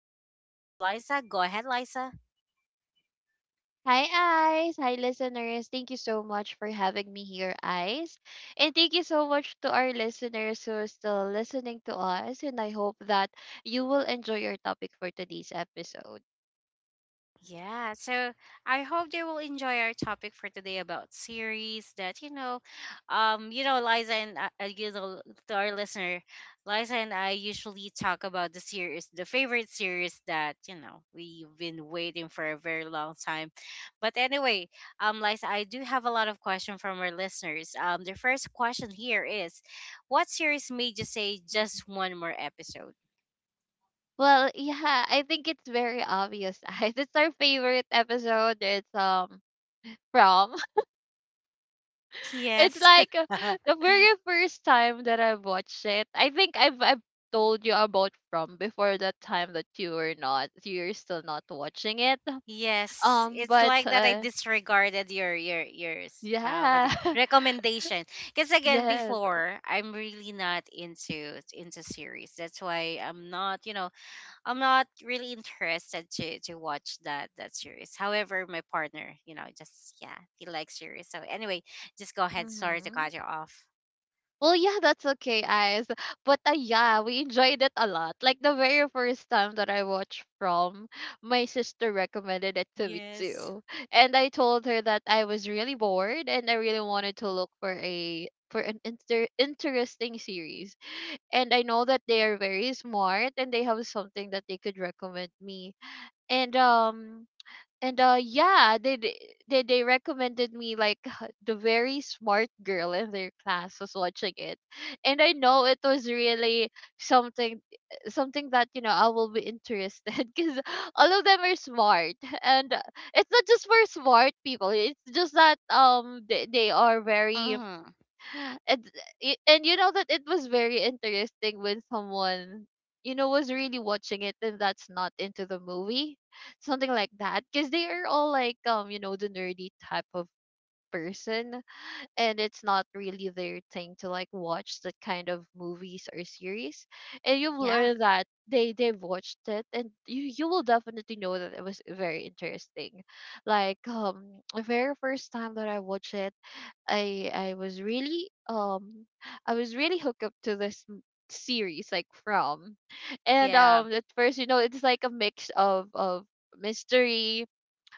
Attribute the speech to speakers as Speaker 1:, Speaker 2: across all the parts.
Speaker 1: by my co host, Liza. Go ahead, Liza.
Speaker 2: Hi, Ice. Hi, listeners. Thank you so much for having me here, Ice. And thank you so much to our listeners who are still listening to us. And I hope that you will enjoy your topic for today's episode.
Speaker 1: Yeah, so I hope they will enjoy our topic for today about series that Liza and I, to our listener, Liza and I usually talk about the series, the favorite series that we've been waiting for a very long time. But anyway, Liza, I do have a lot of questions from our listeners. The first question here is, what series made you say
Speaker 2: Mhm.
Speaker 1: just one more episode?
Speaker 2: Well, yeah, I think it's very obvious, Ice. It's our favorite episode. It's from. It's
Speaker 1: Yes.
Speaker 2: like the very first time that I watched it. I think I've told you about from before that time that you were not you're still not watching it.
Speaker 1: Yes, it's
Speaker 2: But
Speaker 1: like that I disregarded your your your s- uh what
Speaker 2: yeah,
Speaker 1: it- recommendation. Because again,
Speaker 2: yes.
Speaker 1: before, I'm really not into series. That's why I'm not really interested to watch that series. However, my partner just yeah he likes series. So anyway, just go ahead. Sorry to
Speaker 2: hmm
Speaker 1: cut you off.
Speaker 2: Well, yeah, that's okay, guys. But yeah, we enjoyed it a lot. Like the very first time that I watched From, my sister recommended it to me
Speaker 1: Yes.
Speaker 2: too, and I told her that I was really bored and I really wanted to look for a for an interesting series. And I know that they are very smart and they have something that they could recommend me. And um And yeah, they recommended me like the very smart girl in their class was watching it. And I know it was really something something that, you know, I will be interested cuz all of them are smart. And it's not just for smart people. It's just that they are very,
Speaker 1: Mm,
Speaker 2: and and you know that it was very interesting when someone, you know, was really watching it and that's not into the movie, something like that, because they are all like you know the nerdy type of person, and it's not really their thing to like watch that kind of movies or series, and you've
Speaker 1: yeah,
Speaker 2: learned that they've watched it and you will definitely know that it was very interesting. Like the very first time that I watched it, I was really I was really hooked up to this series like from. And
Speaker 1: yeah.
Speaker 2: at first, you know, it's like a mix of mystery,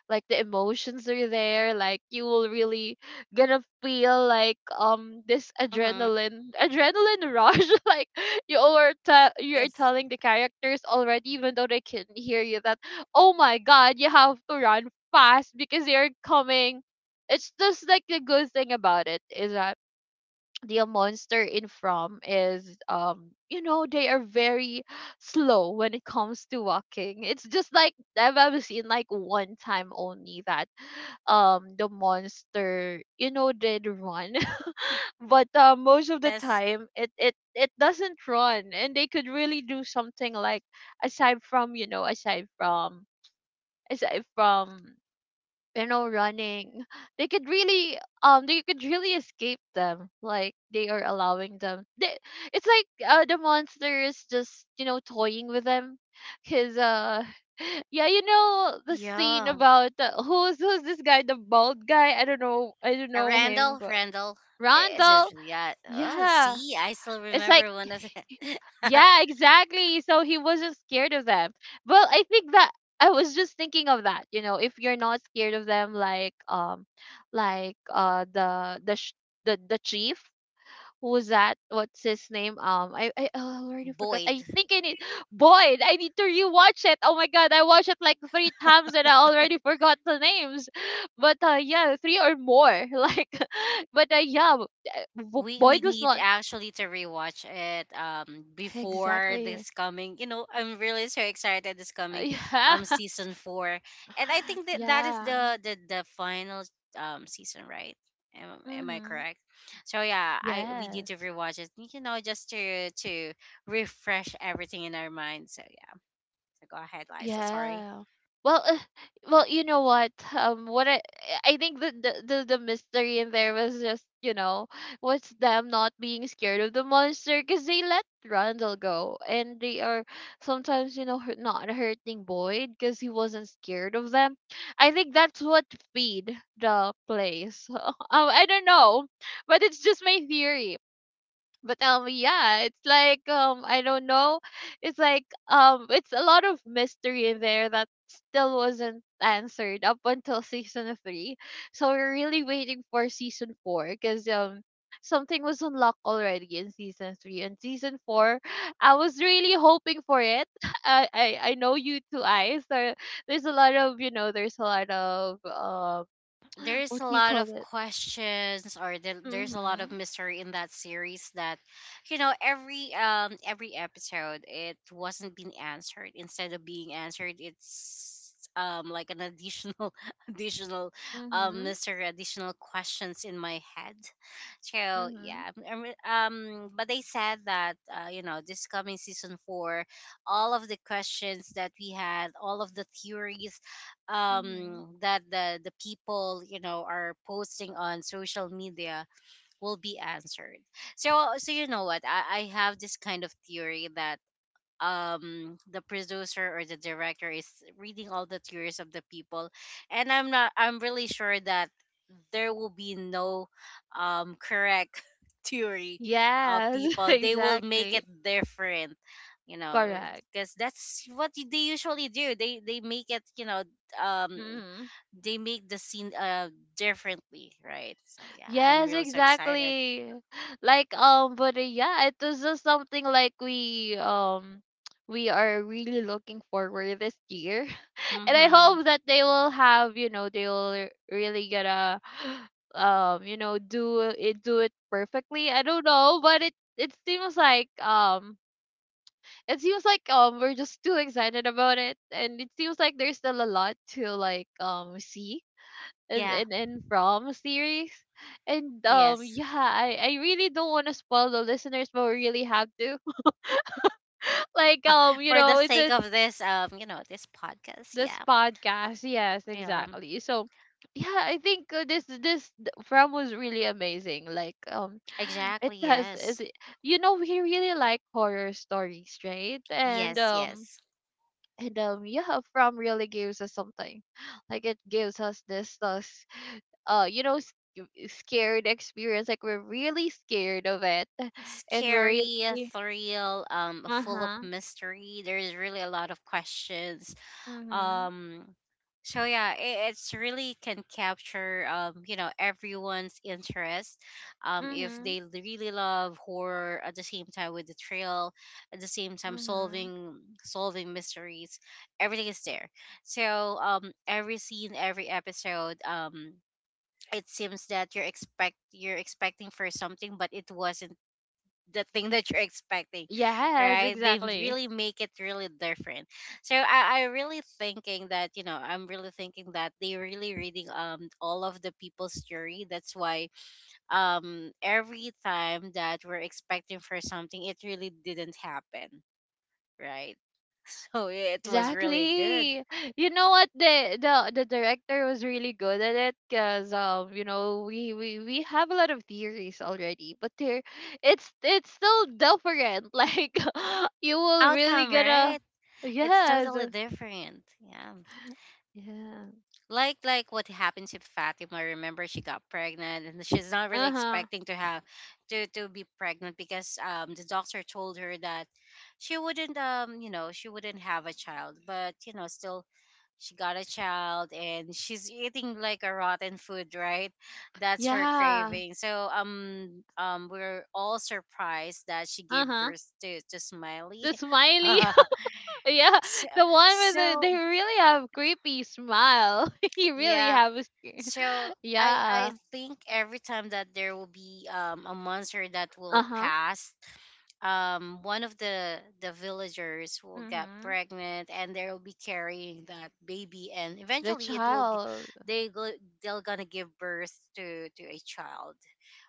Speaker 2: like the emotions are there, like you will really gonna feel like this
Speaker 1: Mm-hmm.
Speaker 2: adrenaline rush like you are
Speaker 1: Yes,
Speaker 2: you're telling the characters already even though they can hear you that, oh my god, you have to run fast because they're coming. It's just like the good thing about it is that the monster in from is, you know, they are very slow when it comes to walking. It's just like I've ever seen like one time only that the monster, you know, did run. But most of the
Speaker 1: yes,
Speaker 2: time it doesn't run, and they could really do something like, aside from, you know, aside from you know, running, they could really escape them, like they are allowing them. They, it's like the monster is just, you know, toying with them because uh, yeah, you know the scene
Speaker 1: yeah.
Speaker 2: about who's this guy, the bald guy, I don't know, him,
Speaker 1: Randall,
Speaker 2: but
Speaker 1: Randall. Is
Speaker 2: Randall,
Speaker 1: it really that? Oh,
Speaker 2: yeah,
Speaker 1: see, I still
Speaker 2: it's like,
Speaker 1: remember one of the
Speaker 2: yeah, exactly. So he wasn't scared of them. Well, I think that, I was just thinking of that, you know, if you're not scared of them, like like uh the the sh- the chief, who was that, what's his name, I, oh, I already forgot. I
Speaker 1: Boyd.
Speaker 2: think I need Boyd. I need to rewatch it. Oh my god, I watched it like three times and I already forgot the names. But yeah, three or more. Like, but uh, yeah,
Speaker 1: We
Speaker 2: Boyd was
Speaker 1: need
Speaker 2: not.
Speaker 1: actually to rewatch it before
Speaker 2: Exactly.
Speaker 1: this coming. I'm really so excited this coming
Speaker 2: Yeah.
Speaker 1: season four, and I think that that is
Speaker 2: Yeah.
Speaker 1: the the the final season, right? Am I
Speaker 2: Mhm.
Speaker 1: correct? So yeah, I we need to
Speaker 2: Yes.
Speaker 1: rewatch it. Just to refresh everything in our mind. So yeah, so go ahead, Liza. Sorry.
Speaker 2: Yeah. Well, you know what? I think the mystery in there was just, you know, was them not being scared of the monster, because they let Randall go, and they are sometimes, you know, hurt, not hurting Boyd because he wasn't scared of them. I think that's what feed the place. I don't know, but it's just my theory. But yeah, it's like I don't know. It's like it's a lot of mystery in there that still wasn't answered up until season 3. So we're really waiting for season 4, cuz something was unlocked already in season 3, and season 4, I was really hoping for it. I know you two eyes there. There's a lot of, you know, there's a lot of
Speaker 1: There's
Speaker 2: what
Speaker 1: a
Speaker 2: do you
Speaker 1: lot
Speaker 2: call
Speaker 1: of
Speaker 2: it?
Speaker 1: questions, or there's a lot of
Speaker 2: Mhm.
Speaker 1: mystery in that series that every episode it wasn't being answered. Instead of being answered, it's like an additional additional
Speaker 2: Mhm.
Speaker 1: mystery, additional questions in my head. So
Speaker 2: Mhm.
Speaker 1: yeah, but they said that this coming season 4, all of the questions that we had, all of the theories
Speaker 2: Mhm.
Speaker 1: that the people are posting on social media will be answered. So, you know what, I have this kind of theory that the producer or the director is reading all the theories of the people. And I'm not I'm really sure that there will be no correct theory of
Speaker 2: Yes,
Speaker 1: people. They will make
Speaker 2: exactly.
Speaker 1: it different, you know
Speaker 2: Correct.
Speaker 1: because that's what they usually do. They make it, um
Speaker 2: Hmm
Speaker 1: they make the scene differently, right? So yeah, I'm
Speaker 2: Yes,
Speaker 1: really so excited.
Speaker 2: exactly. Like but yeah, it was just something like we we are really looking forward this year, and I
Speaker 1: Mm-hmm.
Speaker 2: hope that they will have, you know, they will really gonna you know do it perfectly. I don't know, but it seems like we're just too excited about it, and it seems like there's still a lot to like see and
Speaker 1: Yeah.
Speaker 2: and from series. And
Speaker 1: Yes.
Speaker 2: yeah, I really don't want to spoil the listeners, but we really have to. Like you
Speaker 1: For the
Speaker 2: know, it's
Speaker 1: sake
Speaker 2: a,
Speaker 1: of this, this podcast.
Speaker 2: this
Speaker 1: Yeah.
Speaker 2: podcast. Yes,
Speaker 1: Um.
Speaker 2: exactly. So yeah, I think from was really amazing. Like it
Speaker 1: Exactly.
Speaker 2: has is
Speaker 1: Yes.
Speaker 2: it, you know, we really like horror stories, right?
Speaker 1: Yes. Yes.
Speaker 2: And yeah, from really gives us something, like it gives us this you know scared experience, like we're really scared of it, and we're
Speaker 1: Scary,
Speaker 2: really.
Speaker 1: thrill,
Speaker 2: Uh
Speaker 1: full of
Speaker 2: huh.
Speaker 1: mystery. There's really a lot of questions,
Speaker 2: Mhm.
Speaker 1: um so yeah, it's really can capture, everyone's interest, if
Speaker 2: Mhm.
Speaker 1: they really love horror, at the same time with the thrill, at the same time
Speaker 2: Mhm.
Speaker 1: solving mysteries. Everything is there. So every scene, every episode, it seems that you're expecting for something, but it wasn't the thing that you're expecting,
Speaker 2: Yes,
Speaker 1: right? They
Speaker 2: exactly.
Speaker 1: really make it really different. So I really thinking that I'm really thinking that they really reading all of the people's story. That's why every time that we're expecting for something, it really didn't happen, right? So it was really good
Speaker 2: Exactly. You know what, the director was really good at it, because you know we have a lot of theories already, but there it's still different. Like you will really
Speaker 1: outcome,
Speaker 2: gonna.
Speaker 1: right? It's
Speaker 2: Yes.
Speaker 1: totally different. Yeah.
Speaker 2: Yeah.
Speaker 1: Like what happened to Fatima. Remember, she got pregnant, and she's not really
Speaker 2: Uh-huh.
Speaker 1: expecting to have to be pregnant because the doctor told her that she wouldn't have a child, but still she got a child, and she's eating like a rotten food, right? That's her
Speaker 2: Yeah.
Speaker 1: craving. So we're all surprised that she gave
Speaker 2: Uh-huh.
Speaker 1: birth to Smiley.
Speaker 2: The Smiley. Yeah.
Speaker 1: so
Speaker 2: The one with the,
Speaker 1: so
Speaker 2: they really have creepy smile. You really
Speaker 1: yeah.
Speaker 2: have a sc-.
Speaker 1: So I
Speaker 2: Yeah.
Speaker 1: I think every time that there will be a monster that will
Speaker 2: Uh-huh.
Speaker 1: pass, one of the villagers will get
Speaker 2: Mhm.
Speaker 1: pregnant, and they'll be carrying that baby, and
Speaker 2: The
Speaker 1: eventually it will g-
Speaker 2: child.
Speaker 1: they go they will gonna give birth to a child,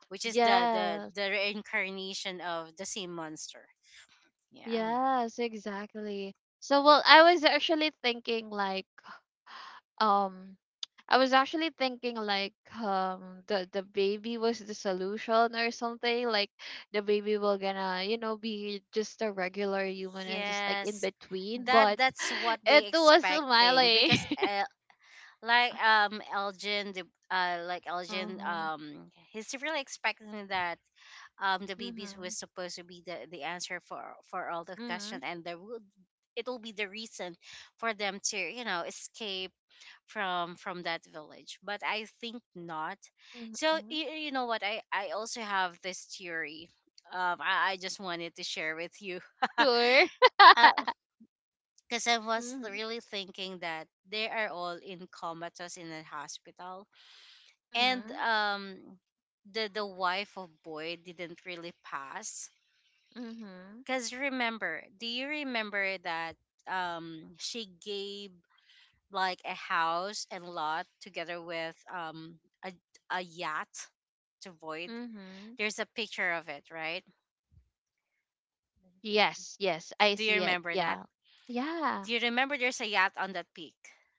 Speaker 1: which is the the
Speaker 2: Yes.
Speaker 1: the reincarnation of the same monster. Yeah.
Speaker 2: Yes, exactly. So, well, I was actually thinking like um I was actually thinking like the baby was the solution or something, like the baby will gonna, you know, be just a regular human and just like in
Speaker 1: Yes,
Speaker 2: between,
Speaker 1: that
Speaker 2: but
Speaker 1: that's what
Speaker 2: it
Speaker 1: they
Speaker 2: was
Speaker 1: expecting.
Speaker 2: Miley.
Speaker 1: Because like Elgin, like Elgin,
Speaker 2: Mhm.
Speaker 1: he's really expecting that the babies was
Speaker 2: Mhm.
Speaker 1: supposed to be the answer for all the question,
Speaker 2: Mhm.
Speaker 1: and there would it will be the reason for them to escape from that village. But I think not. So
Speaker 2: Mhm.
Speaker 1: you, you know what, I also have this theory. I just wanted to share with you
Speaker 2: Sure.
Speaker 1: because I was
Speaker 2: Mhm.
Speaker 1: really thinking that they are all in comatose in a hospital, and
Speaker 2: Mhm.
Speaker 1: the wife of Boyd didn't really pass,
Speaker 2: Mhm.
Speaker 1: cuz remember, do you remember that she gave like a house and lot together with a yacht to Boyd?
Speaker 2: Mhm.
Speaker 1: There's a picture of it, right?
Speaker 2: Yes, yes, I
Speaker 1: Do you
Speaker 2: see it.
Speaker 1: remember
Speaker 2: Yeah. Yeah.
Speaker 1: there's a yacht on that peak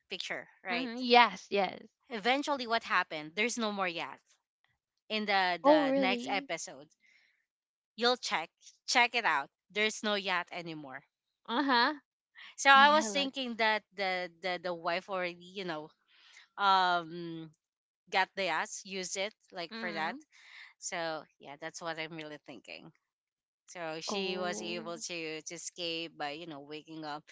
Speaker 1: picture, right?
Speaker 2: hmm Yes, yes.
Speaker 1: Eventually what happened, there's no more yacht in
Speaker 2: Oh,
Speaker 1: the next
Speaker 2: really?
Speaker 1: episode. You'll check. Check it out. There's no yacht anymore.
Speaker 2: Uh-huh.
Speaker 1: So
Speaker 2: Oh,
Speaker 1: I was
Speaker 2: yeah, look.
Speaker 1: thinking that the wife already, um got the yacht, use it like for that.
Speaker 2: Mm-hmm.
Speaker 1: So yeah, that's what I'm really thinking. So she was
Speaker 2: Oh.
Speaker 1: able to escape by, waking up.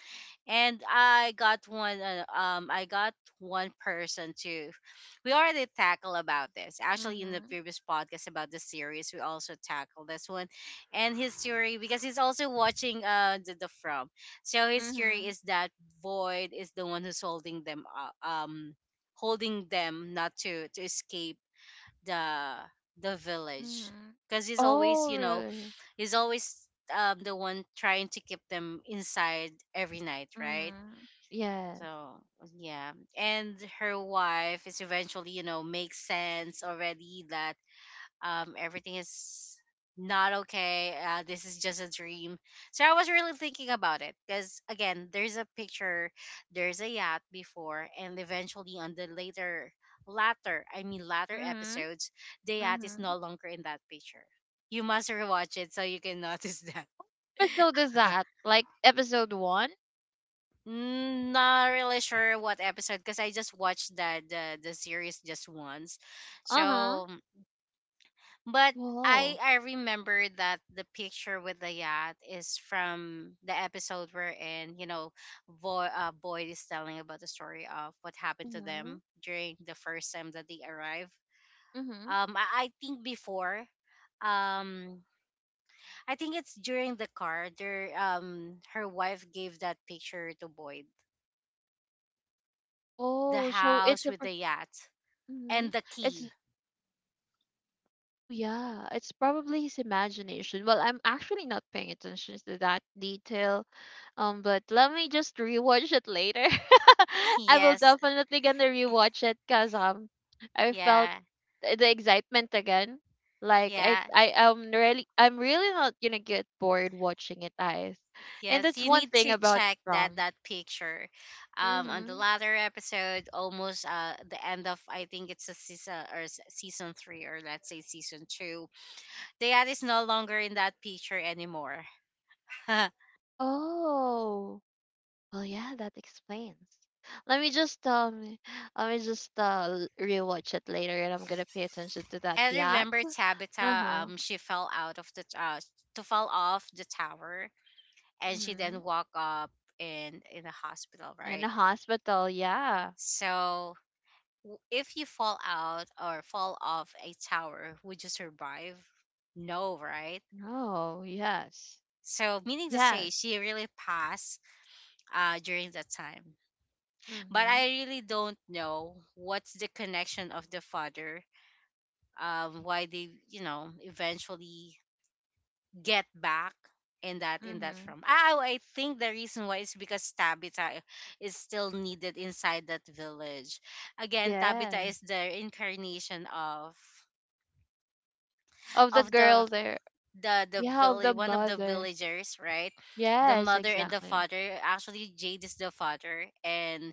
Speaker 1: And I got one. I got one person to. We already tackle about this actually in the
Speaker 2: Mm-hmm.
Speaker 1: previous podcast about the series. We also tackle this one, and his theory, because he's also watching the from. So his theory
Speaker 2: Mm-hmm.
Speaker 1: is that Void is the one who's holding them up, holding them not to escape the the village,
Speaker 2: Mm-hmm.
Speaker 1: because he's always
Speaker 2: Oh, really?
Speaker 1: he's always the one trying to keep them inside every night, right?
Speaker 2: Mm-hmm. Yes.
Speaker 1: So yeah, and her wife is eventually, makes sense already that everything is not okay. This is just a dream. So I was really thinking about it, because again, there's a picture, there's a yacht before, and eventually on the latter, I mean latter
Speaker 2: Mm-hmm.
Speaker 1: episodes, the yacht is no
Speaker 2: Mm-hmm.
Speaker 1: longer in that picture. You must rewatch it so you can notice that.
Speaker 2: Episode is that? Like episode one?
Speaker 1: Mm. Not really sure what episode because I just watched the series just once.
Speaker 2: Uh-huh.
Speaker 1: So, but I
Speaker 2: Whoa.
Speaker 1: I remember that the picture with the yacht is from the episode where in Boyd is telling about the story of what happened to
Speaker 2: Mm-hmm.
Speaker 1: them during the first time that they arrived.
Speaker 2: Mm-hmm.
Speaker 1: I think before, um, I think it's during the car. There, her wife gave that picture to Boyd, the
Speaker 2: Oh, so it's
Speaker 1: house
Speaker 2: a
Speaker 1: with the yacht,
Speaker 2: mm-hmm.
Speaker 1: and the
Speaker 2: It's.
Speaker 1: key.
Speaker 2: Oh yeah, it's probably his imagination. Well, I'm actually not paying attention to that detail. But let me just rewatch it later. I will
Speaker 1: Yes,
Speaker 2: definitely gonna rewatch it because I felt
Speaker 1: yeah,
Speaker 2: the excitement again. Like
Speaker 1: yeah,
Speaker 2: I am really, I'm really not gonna get bored watching it, guys. And
Speaker 1: yes.
Speaker 2: that's
Speaker 1: You
Speaker 2: one
Speaker 1: need
Speaker 2: thing
Speaker 1: to
Speaker 2: about
Speaker 1: check that
Speaker 2: From.
Speaker 1: that picture. On the
Speaker 2: Mm-hmm.
Speaker 1: latter episode, almost the end of, I think it's a season or season three, or let's say season two. The ad is no longer in that picture anymore. I
Speaker 2: Oh. Well, yeah, that explains. Let me just um, let me just rewatch it later, and I'm gonna pay attention to that yacht.
Speaker 1: remember
Speaker 2: Uh
Speaker 1: Tabitha.
Speaker 2: huh.
Speaker 1: She fell out of to fall off the tower, and she then
Speaker 2: Mhm.
Speaker 1: woke up in the hospital,
Speaker 2: And a
Speaker 1: right?
Speaker 2: hospital. Yeah.
Speaker 1: So, if you fall out or fall off a tower, would you survive? No, right?
Speaker 2: No. Yes.
Speaker 1: So, meaning to say,
Speaker 2: Yes.
Speaker 1: she really passed, during that time. But
Speaker 2: Mhm.
Speaker 1: I really don't know what's the connection of the father, why they, eventually get back in that
Speaker 2: Mhm.
Speaker 1: from. I think the reason why is because Tabitha is still needed inside that village. Again, Tabitha
Speaker 2: Yes.
Speaker 1: is the incarnation of
Speaker 2: Of the
Speaker 1: of
Speaker 2: girl
Speaker 1: the
Speaker 2: there.
Speaker 1: the
Speaker 2: Yeah. Of
Speaker 1: village
Speaker 2: the
Speaker 1: one of the
Speaker 2: mother.
Speaker 1: villagers, right? The
Speaker 2: Yes.
Speaker 1: mother and the
Speaker 2: Exactly.
Speaker 1: father. Actually Jade is the father, and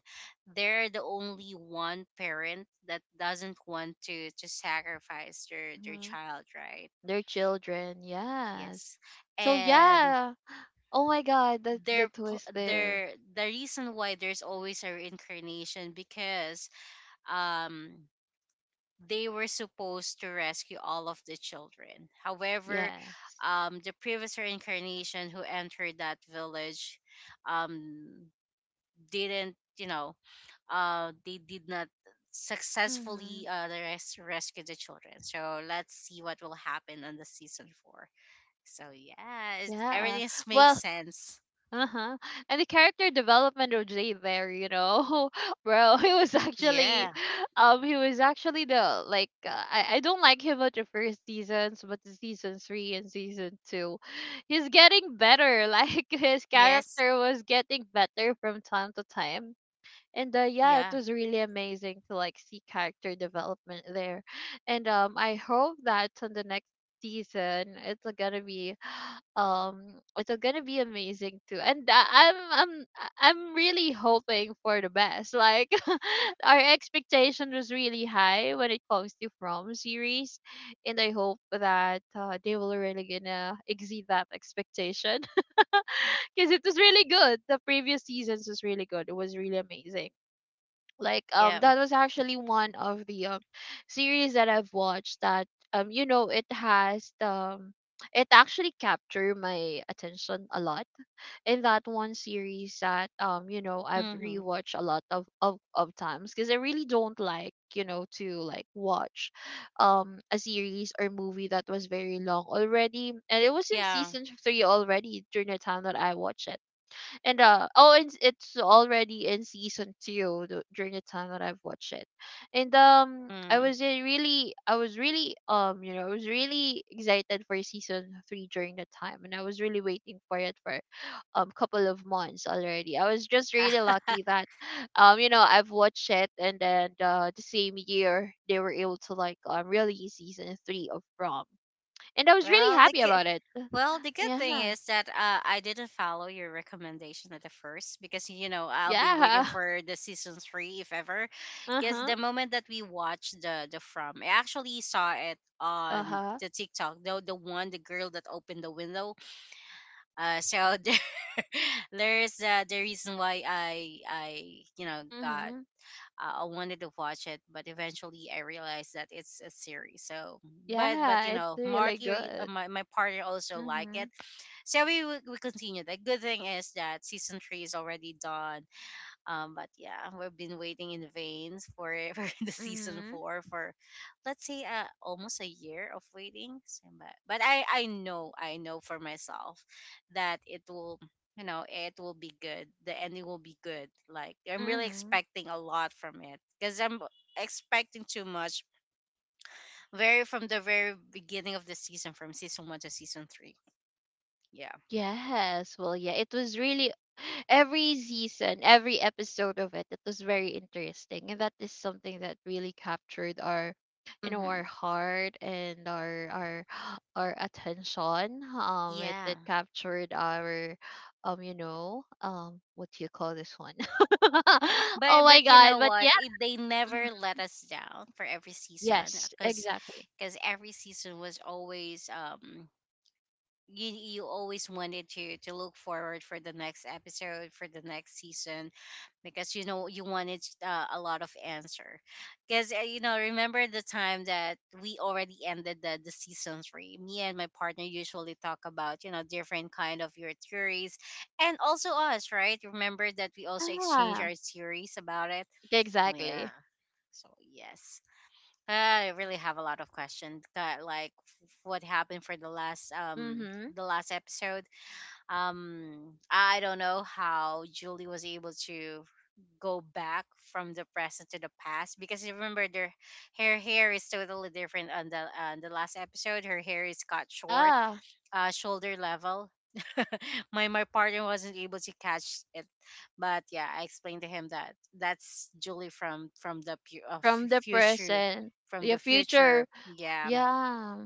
Speaker 1: they're the only one parent that doesn't want to sacrifice their
Speaker 2: Mhm.
Speaker 1: child, right?
Speaker 2: Their children. Yes.
Speaker 1: Yes.
Speaker 2: So
Speaker 1: And
Speaker 2: yeah. Oh my God. The
Speaker 1: their pl-
Speaker 2: twist there.
Speaker 1: their the reason why there's always a reincarnation, because um they were supposed to rescue all of the children. However,
Speaker 2: Yes.
Speaker 1: the previous reincarnation who entered that village um, didn't, they did not successfully
Speaker 2: Mhm.
Speaker 1: rescue the children. So let's see what will happen on the season four. So yeah, it's,
Speaker 2: Yeah.
Speaker 1: everything makes
Speaker 2: Well,
Speaker 1: sense.
Speaker 2: uh-huh. And the character development of Jay there, you know, bro,
Speaker 1: Yeah.
Speaker 2: he was actually the like I don't like him at the first seasons, but the season three and season two, he's getting better. Like his
Speaker 1: Yes.
Speaker 2: character was getting better from time to time, and yeah, it
Speaker 1: Yeah.
Speaker 2: was really amazing to like see character development there. And I hope that on the next season it's gonna be um it's gonna be amazing too. And I'm really hoping for the best, like our expectation was really high when it comes to From series, and I hope that they will really gonna exceed that expectation. Because it was really good. The previous seasons was really good. It was really amazing. Like
Speaker 1: Yeah.
Speaker 2: that was actually one of the series that I've watched, that you know it has it actually captured my attention a lot. In that one series that you know, I've
Speaker 1: Mm-hmm.
Speaker 2: rewatched a lot of times because I really don't like, you know, to like watch a series or movie that was very long already, and it was in
Speaker 1: Yeah.
Speaker 2: season 3 already during the time that I watched it. And it's already in season 2 during the time that I've watched it, and
Speaker 1: Mm.
Speaker 2: I was really you know, I was really excited for season 3 during the time, and I was really waiting for it for couple of months already. I was just really lucky that you know, I've watched it, and then the same year they were able to like release season 3 of Prom, and I was really
Speaker 1: well, the
Speaker 2: happy
Speaker 1: ki-
Speaker 2: about it.
Speaker 1: Well, the good thing
Speaker 2: Yeah,
Speaker 1: is that, I didn't follow your recommendation at the first, because I'll be waiting
Speaker 2: yeah,
Speaker 1: for the season three if ever.
Speaker 2: uh
Speaker 1: Because
Speaker 2: huh.
Speaker 1: the moment that we watched the from, I actually saw it
Speaker 2: Uh
Speaker 1: on
Speaker 2: huh.
Speaker 1: the TikTok. The girl that opened the window. So there's the reason why I you know got
Speaker 2: Mm-hmm.
Speaker 1: I wanted to watch it, but eventually I realized that it's a series. So, but
Speaker 2: Yeah, it's really
Speaker 1: Marty,
Speaker 2: good.
Speaker 1: my partner also like
Speaker 2: Mm-hmm.
Speaker 1: it, so we continue. The good thing is that season three is already done. But yeah, we've been waiting in vain for for the season
Speaker 2: Mm-hmm.
Speaker 1: four for, let's say, almost a year of waiting. So, but I know for myself that it will be good. The ending will be good. Like, I'm really
Speaker 2: Mm-hmm.
Speaker 1: expecting a lot from it because I'm expecting too much. Very from the very beginning of the season, from season one to season three. Yeah.
Speaker 2: Yes. Well, yeah, it was really every season, every episode of it, it was very interesting. And that is something that really captured our, you know, our
Speaker 1: Mm-hmm.
Speaker 2: heart, and our our attention. It,
Speaker 1: Yeah.
Speaker 2: it captured our you know, what do you call this one?
Speaker 1: But
Speaker 2: oh my
Speaker 1: but you
Speaker 2: god,
Speaker 1: know
Speaker 2: but
Speaker 1: what?
Speaker 2: yeah.
Speaker 1: They never
Speaker 2: Mhm.
Speaker 1: let us down for every season,
Speaker 2: Yes,
Speaker 1: because
Speaker 2: exactly.
Speaker 1: because every season was always, you always wanted to look forward for the next episode, for the next season, because you wanted, a lot of answer, because, remember the time that we already ended the season three, me and my partner usually talk about, different kind of your theories. And also us, right? Remember that we also exchange
Speaker 2: Yeah.
Speaker 1: our theories about it. Oh yeah.
Speaker 2: Exactly.
Speaker 1: So yes, I really have a lot of questions. That, like, what happened for the last um
Speaker 2: Mm-hmm.
Speaker 1: the last episode. I don't know how Julie was able to go back from the present to the past because, you remember, their her hair is totally different on the last episode. Her hair is cut short,
Speaker 2: Yeah.
Speaker 1: shoulder level. My partner wasn't able to catch it, but yeah, I explained to him that that's Julie from the
Speaker 2: From the
Speaker 1: future,
Speaker 2: present,
Speaker 1: from the
Speaker 2: your
Speaker 1: future.
Speaker 2: future.
Speaker 1: Yeah,
Speaker 2: Yeah.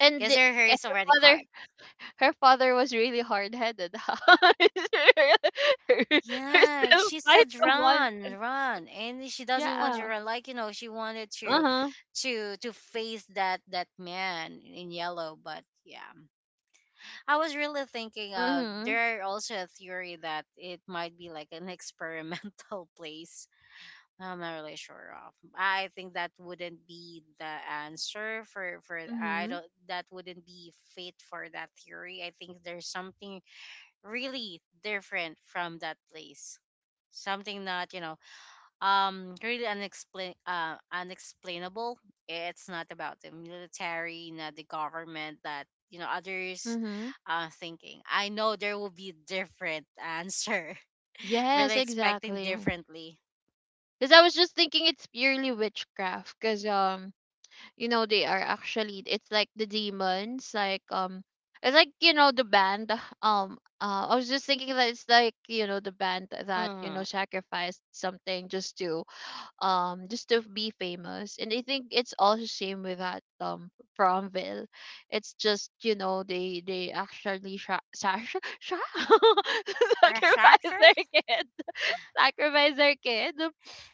Speaker 2: And
Speaker 1: because her hair
Speaker 2: eh,
Speaker 1: is
Speaker 2: her
Speaker 1: already
Speaker 2: father,
Speaker 1: cut.
Speaker 2: her father was really hard headed.
Speaker 1: Yeah,
Speaker 2: still
Speaker 1: she
Speaker 2: fight
Speaker 1: said
Speaker 2: the monster.
Speaker 1: run, run, and she doesn't want to
Speaker 2: Yeah.
Speaker 1: run. Like, she wanted
Speaker 2: Uh
Speaker 1: to
Speaker 2: huh.
Speaker 1: to to face that man in yellow, but yeah. I was really thinking,
Speaker 2: Mhm.
Speaker 1: there are also a theory that it might be like an experimental place. I'm not really sure of. I think that wouldn't be the answer for, I
Speaker 2: Mhm.
Speaker 1: don't, that wouldn't be fit for that theory. I think there's something really different from that place. Something not, really unexplainable. It's not about the military, not the government, that, others,
Speaker 2: Mhm.
Speaker 1: thinking. I know there will be different answer.
Speaker 2: Yes,
Speaker 1: Really expecting
Speaker 2: exactly.
Speaker 1: differently.
Speaker 2: Because I was just thinking it's purely witchcraft. Because you know, they are actually, it's like the demons, like it's like, you know, the band. I was just thinking that it's like, you know, the band that, you know,
Speaker 1: Mm-hmm.
Speaker 2: sacrificed something just to just to be famous. And I think it's also same with that Fromville. It's just, you know, they actually sacrifice their
Speaker 1: Researchers.
Speaker 2: kids. sacrifice their kid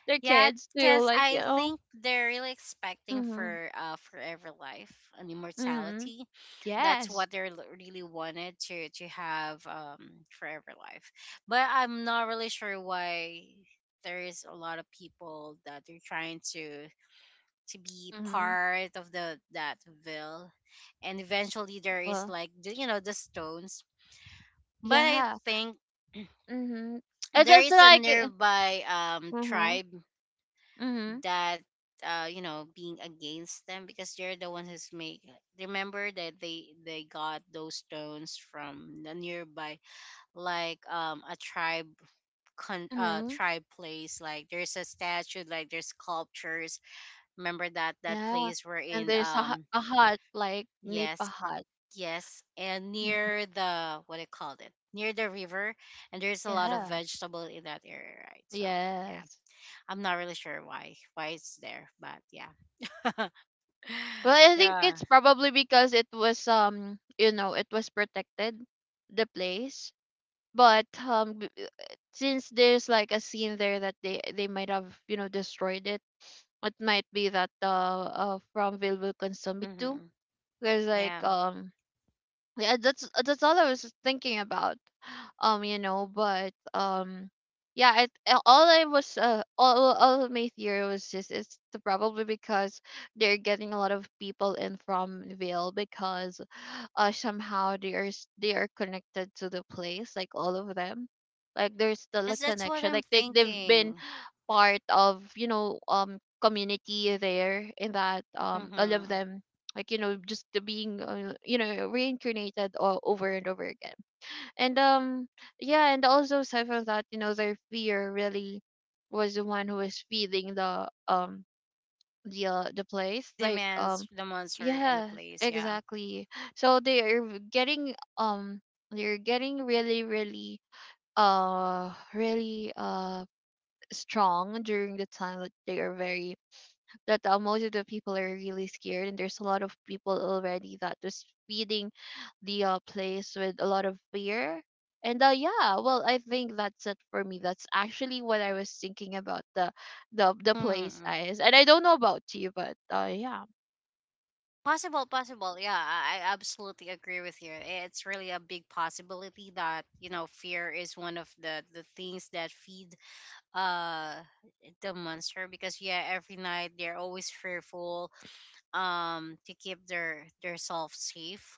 Speaker 2: their
Speaker 1: Yeah,
Speaker 2: kids to
Speaker 1: because
Speaker 2: like, you
Speaker 1: I
Speaker 2: know,
Speaker 1: think they're really expecting
Speaker 2: mm-hmm,
Speaker 1: for, forever life and
Speaker 2: mm-hmm.
Speaker 1: immortality. That's
Speaker 2: Yes.
Speaker 1: what they're, really wanted to have, forever life. But I'm not really sure why there is a lot of people that they're trying to, be
Speaker 2: Mhm.
Speaker 1: part of the, that will, and eventually there is
Speaker 2: Well,
Speaker 1: like the, you know the stones. But I
Speaker 2: yeah.
Speaker 1: think
Speaker 2: Mhm. It's
Speaker 1: there
Speaker 2: just
Speaker 1: is a
Speaker 2: like
Speaker 1: nearby,
Speaker 2: mhm.
Speaker 1: tribe
Speaker 2: Mhm.
Speaker 1: that, being against them because they're the ones who's make. Remember that they got those stones from the nearby, like, a tribe, con
Speaker 2: Mhm.
Speaker 1: tribe place, like there's a statue, like there's sculptures. Remember that that
Speaker 2: Yeah.
Speaker 1: place we're
Speaker 2: And
Speaker 1: in
Speaker 2: there's
Speaker 1: um
Speaker 2: a hut like Nipa
Speaker 1: Yes,
Speaker 2: hut.
Speaker 1: yes. And
Speaker 2: Mhm.
Speaker 1: near the, what I called it, near the river, and there's a lot of
Speaker 2: Yeah.
Speaker 1: vegetable in that area, right? So yeah,
Speaker 2: Yes.
Speaker 1: I'm not really sure why it's there, but yeah.
Speaker 2: Well, I think
Speaker 1: Yeah.
Speaker 2: it's probably because it was you know, it was protected the place. But since there's like a scene there that they might have, you know, destroyed it. It might be that from Ville will consume it too.
Speaker 1: Hmm.
Speaker 2: Because like
Speaker 1: Yeah.
Speaker 2: yeah, that's all I was thinking about. You know, but yeah, all of my theory was just probably because they're getting a lot of people in from Vale, because somehow they are connected to the place, like all of them. Like there's still a
Speaker 1: That's what
Speaker 2: connection.
Speaker 1: I'm
Speaker 2: Like they've been
Speaker 1: thinking.
Speaker 2: part of, you know, community there, in that all of
Speaker 1: Hmm.
Speaker 2: them, like, you know, just the being you know, reincarnated all over and over again. And yeah, and also aside from that, you know, their fear really was the one who was feeding the the place, like
Speaker 1: Demands the monster in the
Speaker 2: yeah,
Speaker 1: place. Yeah.
Speaker 2: exactly. So they are getting they're getting really really uh really uh strong during the time that they are very, that most of the people are really scared, and there's a lot of people already that was feeding the place with a lot of fear. And yeah, well, I think that's it for me. That's actually what I was thinking about the the place
Speaker 1: Hmm.
Speaker 2: eyes, and I don't know about you, but yeah.
Speaker 1: Possible, possible. Yeah, I absolutely agree with you. It's really a big possibility that, fear is one of the things that feed, uh the monster because yeah, every night they're always fearful, to keep their self safe.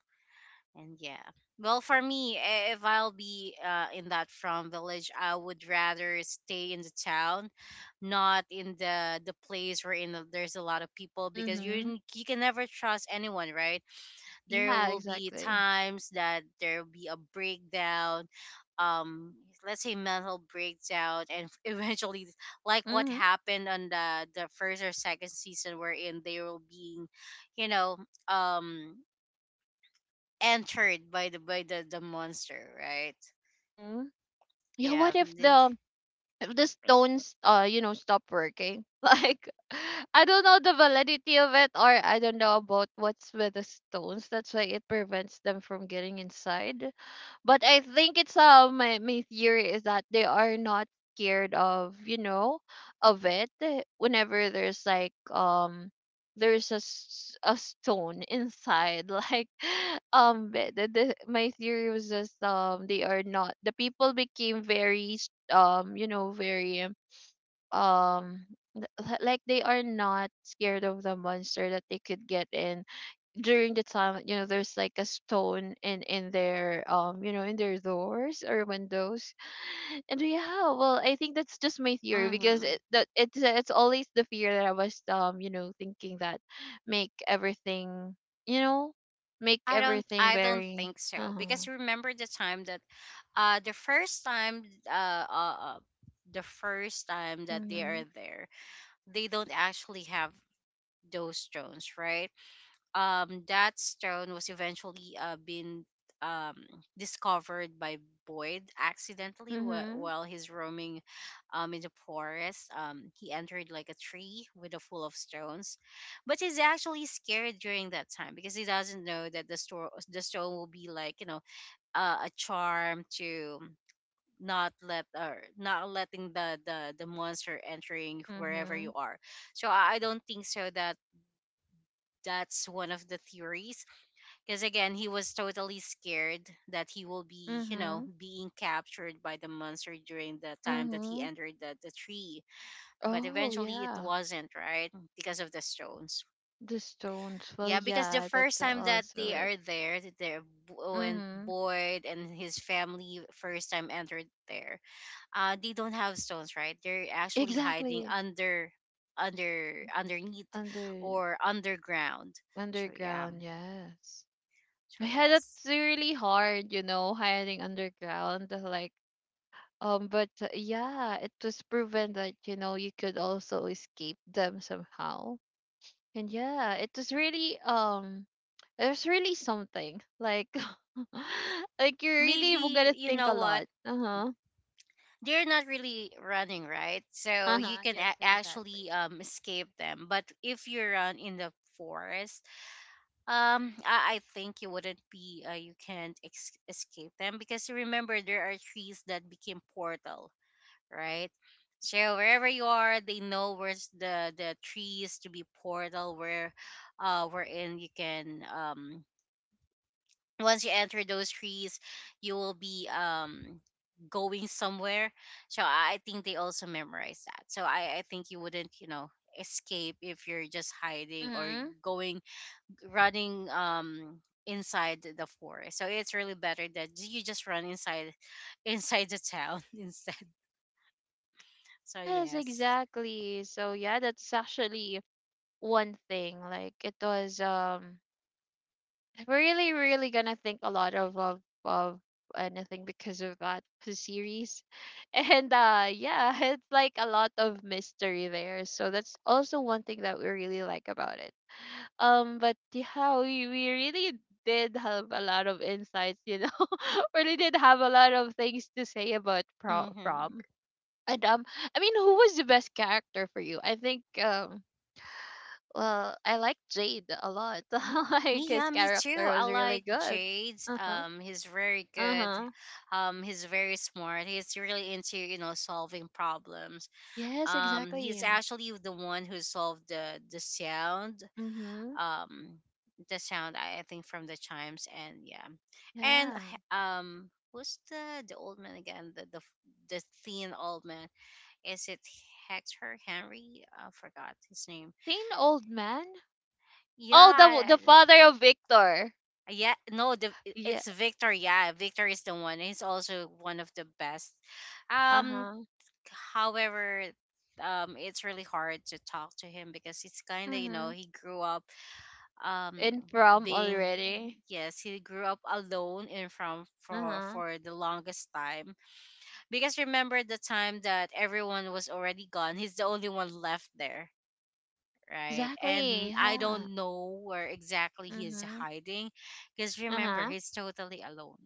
Speaker 1: And yeah. Well, for me, if I'll be, in that from village, I would rather stay in the town, not in the place where in there's a lot of people, because
Speaker 2: Mm-hmm.
Speaker 1: you can never trust anyone, right? There
Speaker 2: Yeah,
Speaker 1: will be
Speaker 2: exactly.
Speaker 1: times that there will be a breakdown, um, let's say, mental breakdown, and eventually, like what
Speaker 2: Mm-hmm.
Speaker 1: happened on the first or second season, wherein they were being, you know, um entered by the monster, right?
Speaker 2: Mm-hmm. Yeah,
Speaker 1: Yeah.
Speaker 2: what if the stones you know, stop working like I don't know the validity of it, or I don't know about what's with the stones, that's why it prevents them from getting inside. But I think it's my theory is that they are not scared of, you know, of it, whenever there's like there's a stone inside like my theory was just they are not, the people became very you know, very um like they are not scared of the monster that they could get in during the time, you know, there's like a stone in their you know, in their doors or windows. And yeah, well I think that's just my theory, because
Speaker 1: Mm-hmm.
Speaker 2: it that it's always the fear that I was you know, thinking that make everything you know make
Speaker 1: I don't
Speaker 2: everything
Speaker 1: I don't
Speaker 2: very
Speaker 1: think so,
Speaker 2: uh-huh.
Speaker 1: because remember the time that, uh the first time uh, uh uh, the first time that they
Speaker 2: Mm-hmm.
Speaker 1: are there, they don't actually have those drones, right? That stone was eventually, been, um, discovered by Boyd accidentally,
Speaker 2: Mm-hmm.
Speaker 1: while he's roaming, in the forest. He entered like a tree with a full of stones, but he's actually scared during that time because he doesn't know that the stone will be like, a charm to not let, or not letting the monster entering wherever
Speaker 2: Mm-hmm.
Speaker 1: you are. So I don't think so, that that's one of the theories, because again, he was totally scared that he will be,
Speaker 2: Mm-hmm.
Speaker 1: being captured by the monster during the time that he
Speaker 2: Hmm.
Speaker 1: entered the tree. But
Speaker 2: Oh
Speaker 1: eventually it
Speaker 2: yeah,
Speaker 1: wasn't, right? Because of the stones.
Speaker 2: the stones, well,
Speaker 1: Yeah, because the
Speaker 2: yeah,
Speaker 1: first
Speaker 2: that's
Speaker 1: time that
Speaker 2: also
Speaker 1: they
Speaker 2: it.
Speaker 1: are there, that they're, when
Speaker 2: Mm-hmm,
Speaker 1: Boyd and his family first time entered there, they don't have stones, right? They're actually hiding
Speaker 2: exactly.
Speaker 1: under, underneath,
Speaker 2: under
Speaker 1: or underground. So yeah,
Speaker 2: Underground, yes.
Speaker 1: so
Speaker 2: Yeah,
Speaker 1: yes.
Speaker 2: that's really hard, you know, hiding underground. Like, but yeah, it was proven that, you know, you could also escape them somehow. And yeah, it was really something. Like like you really were
Speaker 1: Maybe,
Speaker 2: gonna
Speaker 1: you
Speaker 2: think a
Speaker 1: know what,
Speaker 2: lot. Uh huh.
Speaker 1: they're not really running, right? So
Speaker 2: Uh
Speaker 1: you
Speaker 2: huh.
Speaker 1: can,
Speaker 2: Yes, exactly.
Speaker 1: actually, escape them, but if you run in the forest, I think you wouldn't be, you can't, escape them, because remember there are trees that became portal, right? So wherever you are, they know where's the trees to be portal, where, wherein you can, once you enter those trees, you will be, going somewhere. So I think they also memorize that, so I think you wouldn't, escape if you're just hiding or
Speaker 2: Mm-hmm.
Speaker 1: going, running, inside the forest, so it's really better that you just run inside inside the town instead. So
Speaker 2: Yes,
Speaker 1: yes.
Speaker 2: exactly. So yeah, that's actually one thing. Like it was we're really, really gonna think a lot of anything because of that series. And yeah, it's like a lot of mystery there. So that's also one thing that we really like about it. But yeah, we really did have a lot of insights, you know. really did have a lot of things to say about
Speaker 1: Hmm.
Speaker 2: from. And I mean, who was the best character for you? I think well, I like Jade a lot. Like
Speaker 1: Me,
Speaker 2: his
Speaker 1: yeah, me too.
Speaker 2: character
Speaker 1: I
Speaker 2: was really
Speaker 1: like
Speaker 2: good.
Speaker 1: Jade's.
Speaker 2: Uh huh.
Speaker 1: He's very
Speaker 2: Uh
Speaker 1: good.
Speaker 2: huh.
Speaker 1: He's very smart. He's really into, solving problems.
Speaker 2: Yes,
Speaker 1: He's
Speaker 2: exactly.
Speaker 1: actually the one who solved the sound.
Speaker 2: Mm-hmm.
Speaker 1: Um, the sound, I think, from the chimes. And yeah, and,
Speaker 2: Yeah.
Speaker 1: who's the old man again? The thin old man. Is it Hector Henry? I forgot his name.
Speaker 2: Thin old man. Oh,
Speaker 1: Yeah.
Speaker 2: the father of Victor.
Speaker 1: Yeah, no,
Speaker 2: Yeah.
Speaker 1: it's Victor. Yeah, Victor is the one. He's also one of the best.
Speaker 2: Uh
Speaker 1: Um,
Speaker 2: huh.
Speaker 1: However, it's really hard to talk to him, because it's kind of,
Speaker 2: Mm-hmm.
Speaker 1: he grew up, um
Speaker 2: In from
Speaker 1: being,
Speaker 2: already.
Speaker 1: yes, he grew up alone in from
Speaker 2: Uh
Speaker 1: for
Speaker 2: huh.
Speaker 1: the longest time, because remember the time that everyone was already gone, he's the only one left there, right? And
Speaker 2: Exactly.
Speaker 1: I
Speaker 2: Yeah.
Speaker 1: don't know where exactly he is
Speaker 2: Mm-hmm.
Speaker 1: hiding, because
Speaker 2: Uh
Speaker 1: remember,
Speaker 2: huh.
Speaker 1: he's totally alone.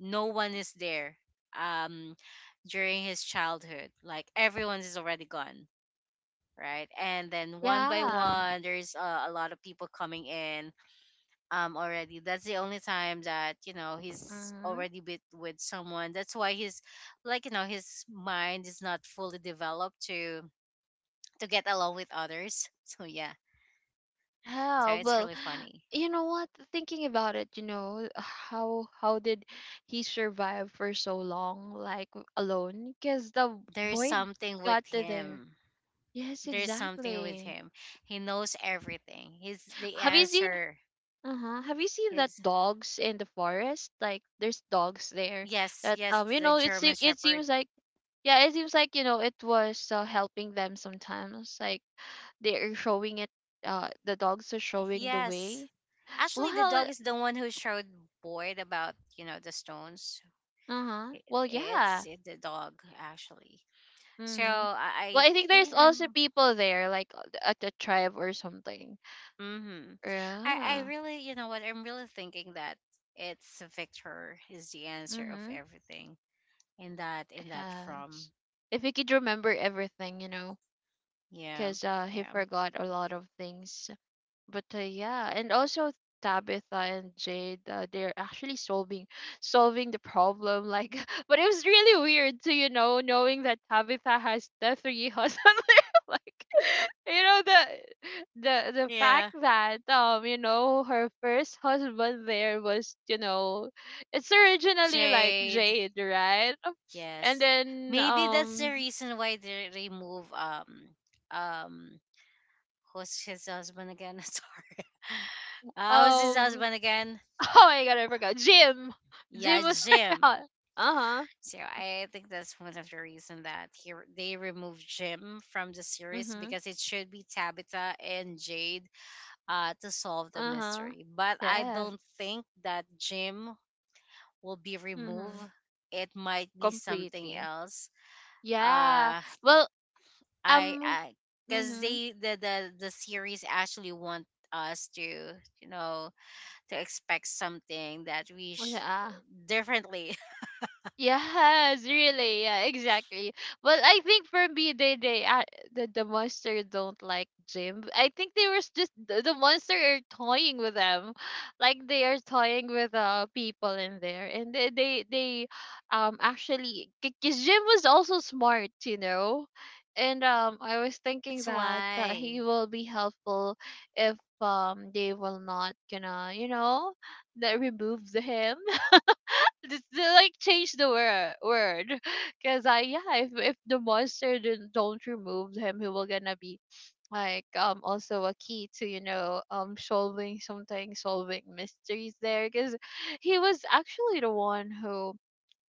Speaker 1: No one is there, um, during his childhood. Like, everyone is already gone, right? And then one by
Speaker 2: Yeah.
Speaker 1: one, there's, a lot of people coming in, already. That's the only time that, he's
Speaker 2: Mm-hmm.
Speaker 1: already bit with someone. That's why he's like, his mind is not fully developed to get along with others. So yeah. So
Speaker 2: Yeah,
Speaker 1: it's
Speaker 2: well,
Speaker 1: really funny.
Speaker 2: you know what? Thinking about it, you know, how did he survive for so long, like alone? Because the
Speaker 1: There's
Speaker 2: boy
Speaker 1: something
Speaker 2: got
Speaker 1: with
Speaker 2: to there.
Speaker 1: him.
Speaker 2: Yes,
Speaker 1: There's something with
Speaker 2: exactly.
Speaker 1: him. He knows everything. He's the
Speaker 2: Have you seen?
Speaker 1: answer.
Speaker 2: Uh-huh. Have you seen that
Speaker 1: He's,
Speaker 2: dogs in the forest? Like there's dogs there
Speaker 1: yes,
Speaker 2: that
Speaker 1: yes,
Speaker 2: you
Speaker 1: the
Speaker 2: know,
Speaker 1: German
Speaker 2: it
Speaker 1: Shepherd.
Speaker 2: seems like, yeah, it seems like, you know, it was helping them sometimes, like they are showing it, the dogs are showing the
Speaker 1: Yes.
Speaker 2: way. Well,
Speaker 1: Actually, the dog is the one who showed Boyd about, the stones.
Speaker 2: uh-huh. Well, yeah.
Speaker 1: It's the dog actually. So
Speaker 2: Mm-hmm.
Speaker 1: I
Speaker 2: Well, I think there's
Speaker 1: think
Speaker 2: also
Speaker 1: I'm.
Speaker 2: people there, like at the tribe or something.
Speaker 1: Mm-hmm. I
Speaker 2: Yeah.
Speaker 1: really, you know what, I'm really thinking that it's Victor is the answer of
Speaker 2: Mm-hmm.
Speaker 1: everything in that from.
Speaker 2: Yes. If he could remember everything, you know,
Speaker 1: Yeah.
Speaker 2: because he
Speaker 1: Yeah.
Speaker 2: forgot a lot of things. But yeah, and also Tabitha and Jade they're actually solving the problem, like but it was really weird to, you know, knowing that Tabitha has the three husbands. Like you know, the fact
Speaker 1: Yeah.
Speaker 2: that you know, her first husband there was, you know, it's originally like
Speaker 1: Jade.
Speaker 2: Jade, right? And
Speaker 1: Yes.
Speaker 2: then
Speaker 1: Maybe that's the reason why they remove, um who's his husband again? Sorry. Who's his
Speaker 2: um
Speaker 1: husband again?
Speaker 2: oh my god, I forgot Jim. Jim
Speaker 1: Yeah,
Speaker 2: was
Speaker 1: Jim.
Speaker 2: her, uh-huh.
Speaker 1: So I think that's one of the reason that they removed Jim from the series
Speaker 2: Hmm.
Speaker 1: because it should be Tabitha and Jade, to solve the
Speaker 2: Uh-huh.
Speaker 1: mystery. But I
Speaker 2: Yes.
Speaker 1: don't think that Jim will be removed.
Speaker 2: Mhm.
Speaker 1: It might be something
Speaker 2: Completely.
Speaker 1: else.
Speaker 2: Yeah.
Speaker 1: Uh,
Speaker 2: Well,
Speaker 1: I,
Speaker 2: um
Speaker 1: I, because
Speaker 2: mhm.
Speaker 1: the series actually want us to, to expect something that,
Speaker 2: Yeah.
Speaker 1: differently.
Speaker 2: Yes, really. Yeah, exactly. Well, I think for me, the monster don't like Jim. I think they were just the monster are toying with them, like they are toying with people in there, and they actually because Jim was also smart, you know, and I was thinking
Speaker 1: That's
Speaker 2: that he
Speaker 1: why.
Speaker 2: will be helpful if they will not gonna, you know, that remove the him just to, like change the word because I yeah if the monster didn't, don't remove him, he will gonna be like also a key to, you know, solving mysteries there, because he was actually the one who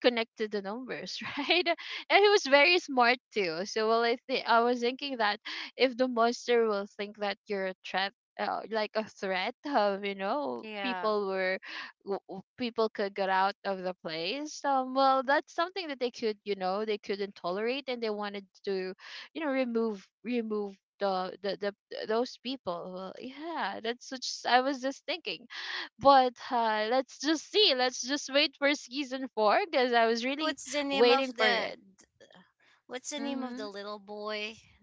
Speaker 2: connect to the numbers, right? And he was very smart too. So well, I was thinking that if the monster will think that you're a threat, like a threat of, you know,
Speaker 1: Yeah.
Speaker 2: people were people could get out of the place. Well, that's something that they couldn't tolerate, and they wanted to, you know, remove remove. The those people. Well, yeah, that's such I was just thinking. But let's just see. Let's just wait for season 4, because I was
Speaker 1: What's the
Speaker 2: really
Speaker 1: name of
Speaker 2: waiting for
Speaker 1: the
Speaker 2: it.
Speaker 1: What's the name of the
Speaker 2: Mm-hmm.
Speaker 1: little boy?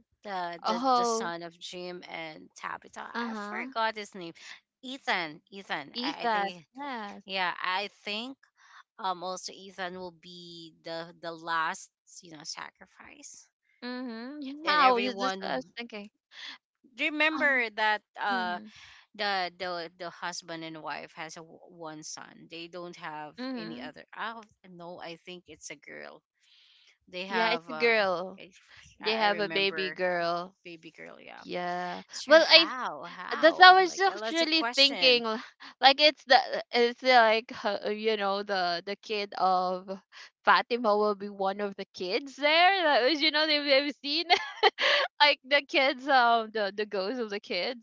Speaker 1: The
Speaker 2: Oh,
Speaker 1: son of Jim and Tabitha.
Speaker 2: uh
Speaker 1: I
Speaker 2: huh.
Speaker 1: forgot his name. Ethan. Ethan. I
Speaker 2: Ethan.
Speaker 1: think.
Speaker 2: Yes.
Speaker 1: Yeah, I think, also Ethan will be the last, sacrifice,
Speaker 2: Mm-hmm. Yeah,
Speaker 1: and
Speaker 2: I
Speaker 1: everyone
Speaker 2: was thinking.
Speaker 1: do
Speaker 2: Um.
Speaker 1: remember that,
Speaker 2: Mm-hmm.
Speaker 1: the husband and wife has a, one son. They don't have any
Speaker 2: Mm-hmm.
Speaker 1: other. Oh no, I think it's a girl. They
Speaker 2: Yeah,
Speaker 1: have,
Speaker 2: it's a girl.
Speaker 1: I
Speaker 2: They
Speaker 1: I
Speaker 2: have a baby
Speaker 1: remember,
Speaker 2: girl.
Speaker 1: baby girl. Yeah.
Speaker 2: Yeah.
Speaker 1: So,
Speaker 2: Well,
Speaker 1: how
Speaker 2: I was
Speaker 1: like, that's a
Speaker 2: actually
Speaker 1: question.
Speaker 2: thinking like it's like you know, the kid of Fatima will be one of the kids there that was, you know, they've seen like the kids, the ghosts of the kids.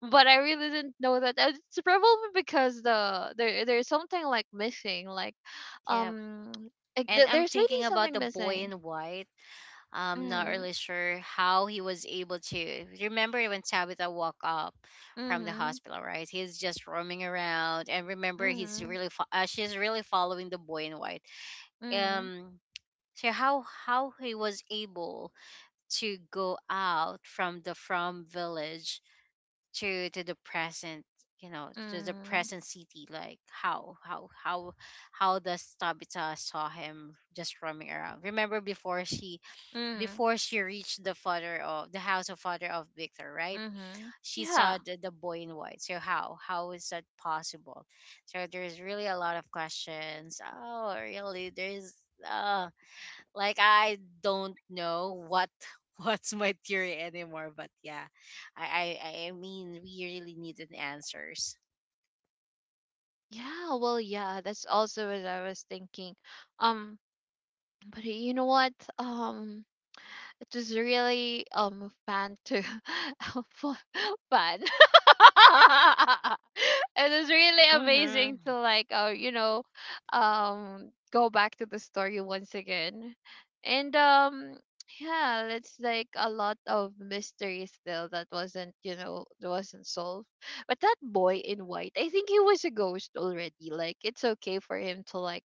Speaker 2: But I really didn't know that. It's probably because there's something like missing,
Speaker 1: Yeah.
Speaker 2: um like,
Speaker 1: And I'm
Speaker 2: there's really
Speaker 1: thinking about
Speaker 2: something
Speaker 1: the boy
Speaker 2: missing.
Speaker 1: in white. I'm not
Speaker 2: Mm-hmm,
Speaker 1: really sure how he was able to. Remember when Tabitha woke up from the
Speaker 2: mm-hmm,
Speaker 1: hospital, right? He's just roaming around, and remember
Speaker 2: mm-hmm,
Speaker 1: she's really following the boy in white.
Speaker 2: mm-hmm,
Speaker 1: Um, so how he was able to go out from the from village to the present, you know, to the
Speaker 2: mm-hmm.
Speaker 1: present city. Like how how does Tabitha saw him just roaming around? Remember
Speaker 2: Mm-hmm.
Speaker 1: before she reached the father of the house of father of Victor, right?
Speaker 2: Mm-hmm.
Speaker 1: She saw
Speaker 2: Yeah.
Speaker 1: the boy in white. So how is that possible? So there's really a lot of questions. Oh really, there's uh like I don't know what what's my theory anymore. But yeah, I mean we really needed answers.
Speaker 2: Yeah, well, yeah, that's also what I was thinking. Um, but you know what? It was really fun to fu- fun. It was really
Speaker 1: Mm-hmm.
Speaker 2: amazing to like you know, go back to the story once again. And yeah, it's like a lot of mystery still that wasn't, you know, that wasn't solved. But that boy in white, I think he was a ghost already. Like it's okay for him to like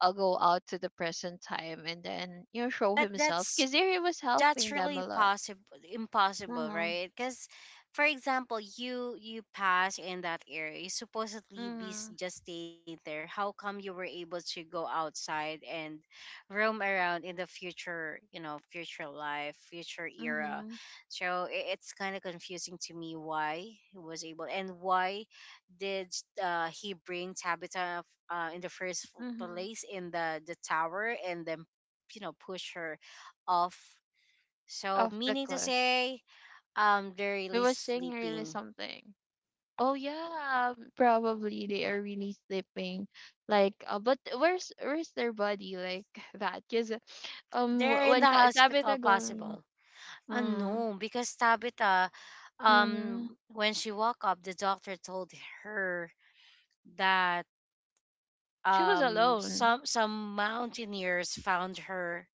Speaker 2: I'll go out to the present time and then show
Speaker 1: But
Speaker 2: himself
Speaker 1: that's
Speaker 2: because there he was
Speaker 1: that's
Speaker 2: helping them
Speaker 1: really
Speaker 2: a lot.
Speaker 1: possible, impossible,
Speaker 2: Mhm,
Speaker 1: right? Because for example, you pass in that area, you supposedly be
Speaker 2: mhm,
Speaker 1: just staying there. How come you were able to go outside and roam around in the future? You know, future life, future era.
Speaker 2: mhm,
Speaker 1: So it's kind of confusing to me why he was able and why did he bring Tabitha in the first
Speaker 2: mhm.
Speaker 1: place in the tower and then you know push her off. So,
Speaker 2: Off the
Speaker 1: meaning to
Speaker 2: cliff,
Speaker 1: say, they're
Speaker 2: he
Speaker 1: really
Speaker 2: was saying really
Speaker 1: sleeping.
Speaker 2: something. Oh yeah, probably they are really sleeping. Like, but where's their body like that? Cause
Speaker 1: They're in the
Speaker 2: when
Speaker 1: hospital,
Speaker 2: Tabitha going,
Speaker 1: possible.
Speaker 2: mm,
Speaker 1: No, because Tabitha,
Speaker 2: mhm,
Speaker 1: when she woke up, the doctor told her that
Speaker 2: she was
Speaker 1: um,
Speaker 2: alone.
Speaker 1: some some mountaineers found her,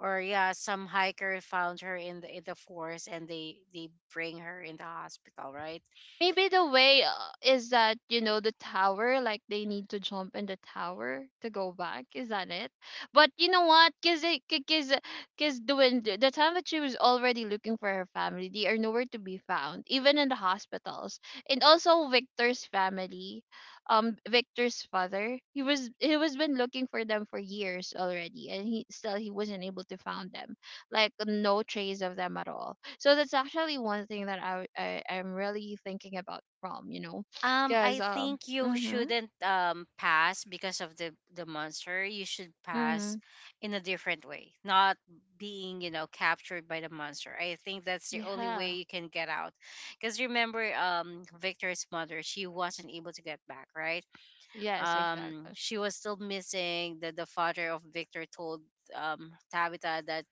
Speaker 1: or yeah, some hiker found her in the forest, and they bring her in the hospital, right?
Speaker 2: Maybe the way is that you know the tower, like they need to jump in the tower to go back. Is that it? But you know what? Cause, uh, Cause when the time that she was already looking for her family, they are nowhere to be found, even in the hospitals. And also Victor's family, Victor's father, he was been looking for them for years already, and he wasn't able to find them like no trace of them at all. So that's actually one thing that I am really thinking about from, because
Speaker 1: I think you
Speaker 2: mhm
Speaker 1: shouldn't pass because of the monster. You should pass
Speaker 2: mhm
Speaker 1: in a different way, not being you know captured by the monster. I think that's the only way
Speaker 2: yeah
Speaker 1: you can get out. Because remember, Victor's mother, she wasn't able to get back, right?
Speaker 2: yes exactly
Speaker 1: She was still missing. The father of Victor told Tabitha that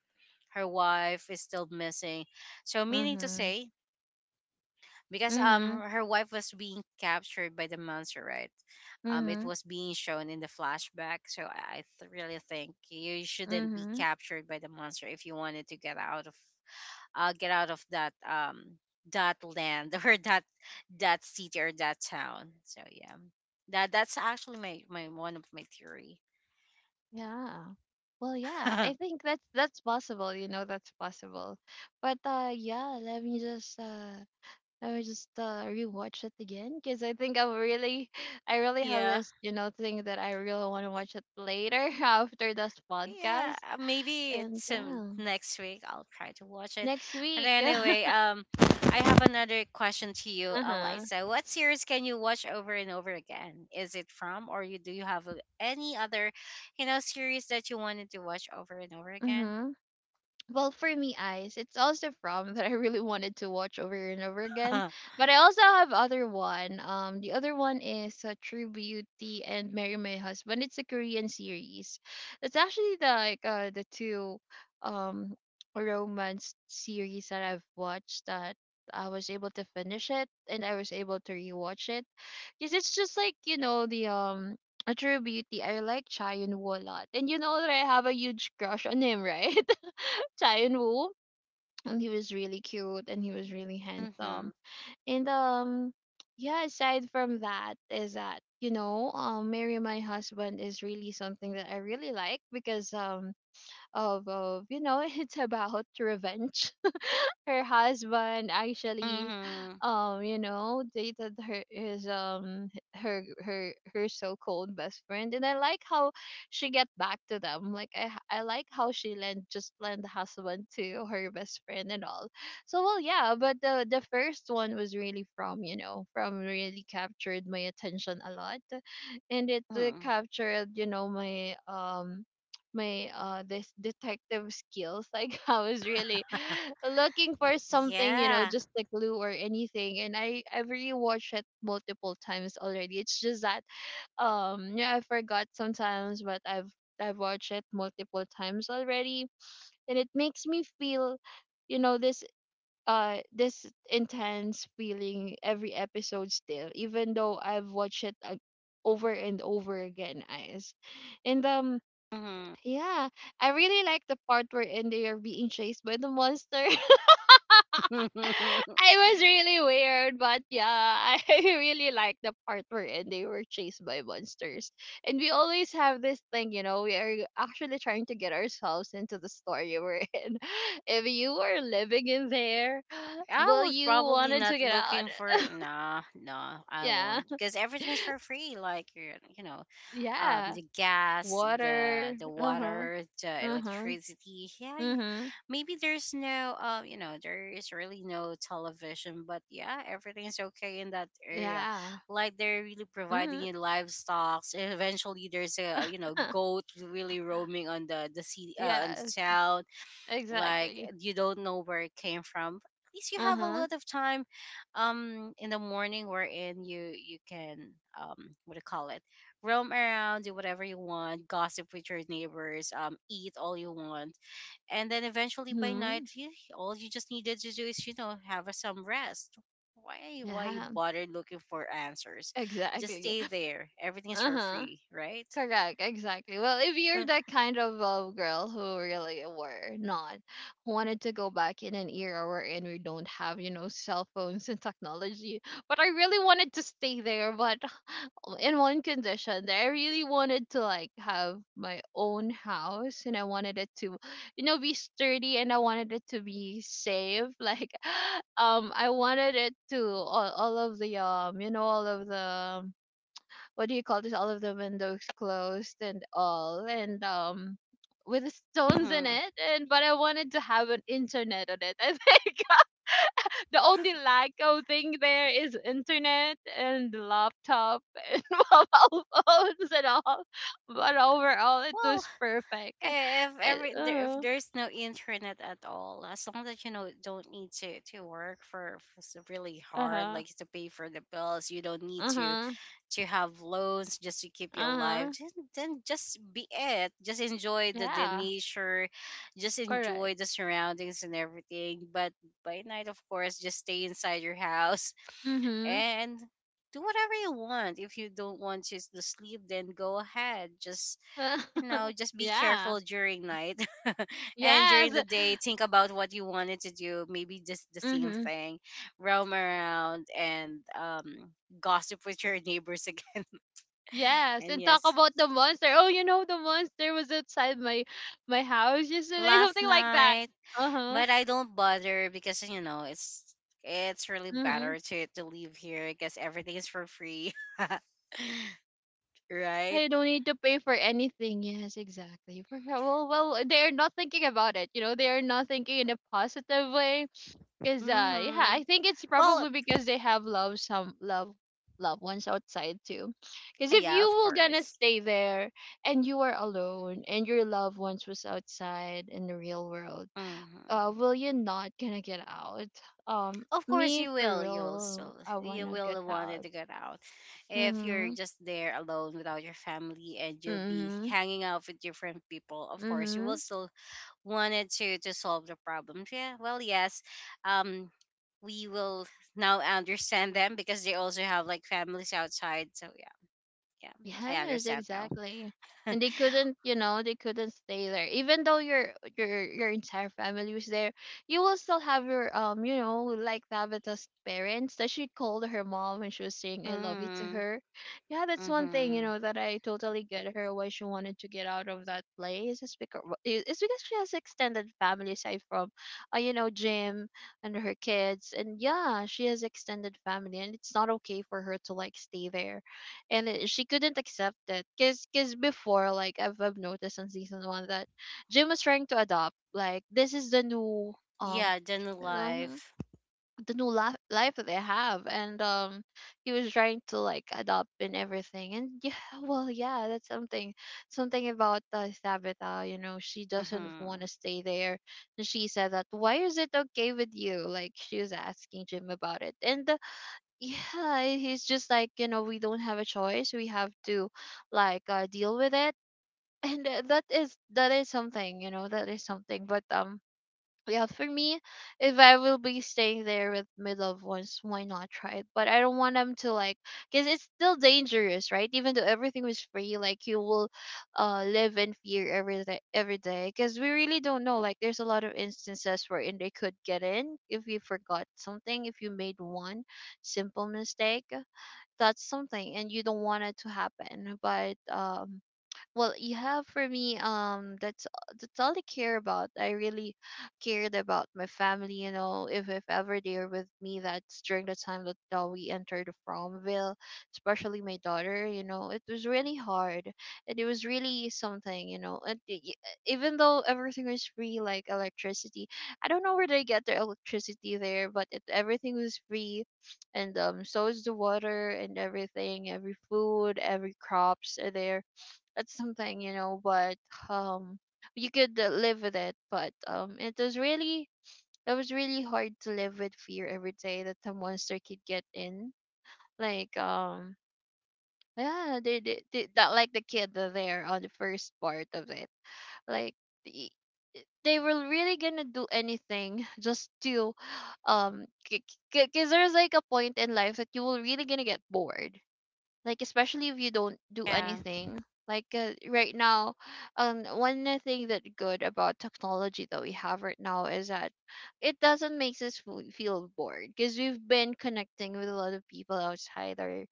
Speaker 1: her wife is still missing. So meaning to
Speaker 2: mhm
Speaker 1: say, because
Speaker 2: mhm
Speaker 1: her wife was being captured by the monster, right? Um, it
Speaker 2: mhm
Speaker 1: was being shown in the flashback. So I really think you shouldn't be
Speaker 2: mhm
Speaker 1: captured by the monster if you wanted to get out of that that land or that that city or that town. So yeah, that that's actually my my one of my theory.
Speaker 2: yeah. Well, yeah, I think that's possible. You know, that's possible. But yeah, let me just I would just rewatch it again because I think I'm really, I really have
Speaker 1: Yeah.
Speaker 2: this, you know, thing that I really want to watch it later after this
Speaker 1: Yeah,
Speaker 2: podcast.
Speaker 1: maybe
Speaker 2: And
Speaker 1: it's
Speaker 2: yeah,
Speaker 1: next week. I'll try to watch it.
Speaker 2: next
Speaker 1: But
Speaker 2: week.
Speaker 1: anyway, I have another question to you,
Speaker 2: Uh huh.
Speaker 1: Eliza. What series can you watch over and over again? Is it from, or you do you have any other, you know, series that you wanted to watch over and over again?
Speaker 2: Mm-hmm. Well, for me, eyes it's also from that I really wanted to watch over and over again, but I also have other one. The other one is true beauty and marry my husband. It's a Korean series. It's actually the like the two um romance series that I've watched that I was able to finish it and I was able to rewatch it because it's just like you know the a true beauty. I like Cha Chaeyoon Woo a lot, and you know that I have a huge crush on him, right? Chien Woo. And he was really cute and he was really
Speaker 1: Mm-hmm.
Speaker 2: handsome. And yeah, aside from that is that, you know, marry my husband is really something that I really like because of you know, it's about revenge. Her husband actually
Speaker 1: Mm-hmm.
Speaker 2: you know dated her, his her so-called best friend, and I like how she get back to them. Like I like how she lent, just lent the husband to her best friend and all. So well yeah, but the first one was really from, you know, from really captured my attention a lot, and it
Speaker 1: Hmm.
Speaker 2: captured you know my my this detective skills like I was really looking for something, you know,
Speaker 1: Yeah.
Speaker 2: just a clue or anything, and I've rewatched it multiple times already. It's just that yeah, I forgot sometimes, but I've watched it multiple times already, and it makes me feel, you know, this this intense feeling every episode still, even though I've watched it over and over again, guys. And
Speaker 1: Mm-hmm.
Speaker 2: yeah, I really like the part wherein they are being chased by the monster. I was really weird, but yeah, I really like the part wherein they were chased by monsters. And we always have this thing, you know, we are actually trying to get ourselves into the story we're in. If you were living in there,
Speaker 1: I
Speaker 2: will
Speaker 1: was
Speaker 2: you
Speaker 1: probably
Speaker 2: wanted to
Speaker 1: not
Speaker 2: get out?
Speaker 1: looking for it. Nah, no, I
Speaker 2: Yeah,
Speaker 1: won't. Because everything's for free. Like, you know,
Speaker 2: yeah.
Speaker 1: the gas, the
Speaker 2: Water.
Speaker 1: the
Speaker 2: Uh huh.
Speaker 1: water, the
Speaker 2: Uh huh.
Speaker 1: electricity. Yeah,
Speaker 2: Mhm.
Speaker 1: maybe there's no, you know, there is really no television, but yeah, everything's okay in that area.
Speaker 2: Yeah.
Speaker 1: Like they're really providing
Speaker 2: Mhm.
Speaker 1: you livestock. Eventually, there's a you know goat really roaming on the city on the
Speaker 2: Yes,
Speaker 1: town. Like
Speaker 2: exactly.
Speaker 1: you don't know where it came from. At least you have a
Speaker 2: Uh-huh.
Speaker 1: lot of time in the morning wherein you can what do you call it, roam around, do whatever you want, gossip with your neighbors, eat all you want, and then eventually by night,
Speaker 2: Mm-hmm.
Speaker 1: you, all you just needed to do is you know have some rest. Why you
Speaker 2: Yeah,
Speaker 1: bother looking for answers? Just
Speaker 2: exactly.
Speaker 1: stay there, everything's for
Speaker 2: Uh-huh.
Speaker 1: free, right?
Speaker 2: Correct, exactly. Well, if you're that kind of girl who really were not wanted to go back in an era wherein we don't have, you know, cell phones and technology, but I really wanted to stay there, but in one condition that I really wanted to like have my own house, and I wanted it to you know be sturdy, and I wanted it to be safe like I wanted it to all of the you know all of the what do you call this, all of the windows closed and all, and with stones in
Speaker 1: Hmm.
Speaker 2: it, and but I wanted to have an internet on it. I think the only Lyco thing there is internet and laptop and mobile phones and all. But overall, it
Speaker 1: Well,
Speaker 2: was perfect. Uh
Speaker 1: eh, if if
Speaker 2: huh.
Speaker 1: there's no internet at all, as long as you know don't need to work for, really
Speaker 2: Uh
Speaker 1: hard,
Speaker 2: huh.
Speaker 1: like to pay for the bills, you don't need
Speaker 2: Uh huh.
Speaker 1: to have loans just to keep you alive,
Speaker 2: Uh-huh.
Speaker 1: then just be it, just enjoy the
Speaker 2: Yeah.
Speaker 1: nature, just
Speaker 2: Correct.
Speaker 1: enjoy the surroundings and everything. But by night, of course, just stay inside your house
Speaker 2: Mhm.
Speaker 1: and do whatever you want. If you don't want to sleep, then go ahead, just you know, just be
Speaker 2: Yeah.
Speaker 1: careful during night. And during
Speaker 2: Yes.
Speaker 1: the day, think about what you wanted to do. Maybe just the same
Speaker 2: Mhm.
Speaker 1: thing. Roam around and gossip with your neighbors again.
Speaker 2: Yes.
Speaker 1: And
Speaker 2: And talk
Speaker 1: yes,
Speaker 2: about the monster. Oh, you know the monster was outside my my house yesterday.
Speaker 1: last
Speaker 2: Something like that.
Speaker 1: night,
Speaker 2: Uh huh.
Speaker 1: but I don't bother because, you know, it's. It's really
Speaker 2: Mhm.
Speaker 1: better to leave here because everything is for free,
Speaker 2: Yeah,
Speaker 1: right?
Speaker 2: you don't need to pay for anything. Yes, exactly. For sure. Well, well, they are not thinking about it. You know, they are not thinking in a positive way. Cause, yeah,
Speaker 1: Mm-hmm.
Speaker 2: I think it's
Speaker 1: Well,
Speaker 2: probably because they have love loved ones outside too. Cause if
Speaker 1: yeah,
Speaker 2: you
Speaker 1: of
Speaker 2: were gonna
Speaker 1: course.
Speaker 2: stay there and you are alone and your loved ones was outside in the real world,
Speaker 1: Mm-hmm.
Speaker 2: will you not gonna get out?
Speaker 1: Of course
Speaker 2: Me
Speaker 1: you
Speaker 2: for
Speaker 1: will, you will
Speaker 2: real,
Speaker 1: still
Speaker 2: I
Speaker 1: you
Speaker 2: wanna get
Speaker 1: will want it
Speaker 2: out.
Speaker 1: to get out. If you're
Speaker 2: Mhm.
Speaker 1: just there alone without your family and you'll be
Speaker 2: Mhm.
Speaker 1: hanging out with different people, of course you will
Speaker 2: Mhm.
Speaker 1: still wanted to solve the problem. Yeah, well, yes, um, we will now understand them because they also have like families outside. So yeah, yeah, I
Speaker 2: Yes,
Speaker 1: understand now.
Speaker 2: exactly. And they couldn't, you know, they couldn't stay there. Even though your entire family was there, you will still have your you know, like Tabitha's parents that she called her mom when she was saying I love you to
Speaker 1: Mm,
Speaker 2: her. Yeah, that's one thing, you
Speaker 1: mm-hmm.
Speaker 2: know, that I totally get her why she wanted to get out of that place. It's because she has extended family aside from, you know, Jim and her kids, and yeah, she has extended family, and it's not okay for her to like stay there, and it, she couldn't accept it because before like I've noticed in season one that Jim was trying to adopt, like this is um
Speaker 1: Yeah then
Speaker 2: um,
Speaker 1: life.
Speaker 2: the new life that they have, and he was trying to like adopt and everything. And yeah, well yeah, that's something, something about Tabitha, you know, she doesn't want
Speaker 1: Mm-hmm.
Speaker 2: to stay there, and she said that why is it okay with you, like she was asking Jim about it. And yeah, he's just like, you know, we don't have a choice, we have to like deal with it. And that is, that is something, you know, that is something. But yeah, for me, if I will be staying there with my loved ones, why not try it? But I don't want them to like, because it's still dangerous, right? Even though everything was free, like you will, live in fear every day, every day. Because we really don't know. Like, there's a lot of instances wherein they could get in if you forgot something, if you made one simple mistake. That's something, and you don't want it to happen. But well, you have for me, that's all I care about. I really cared about my family, you know, if ever they're with me, that's during the time that we entered Fromville, especially my daughter, you know, it was really hard, and it was really something, you know. And even though everything was free, like electricity, I don't know where they get their electricity there, but it, everything was free, and so is the water and everything, every food, every crops are there. That's something, you know, but um you could live with it, but it was really, it was really hard to live with fear every day that the monster could get in, like yeah, they that like the kid there on the first part of it, like the- they were really gonna do anything just to um because there's like a point in life that you will really gonna get bored, like especially if you don't do
Speaker 1: Yeah,
Speaker 2: anything, like right now. One thing that good about technology that we have right now is that it doesn't make us feel bored because we've been connecting with a lot of people outside our,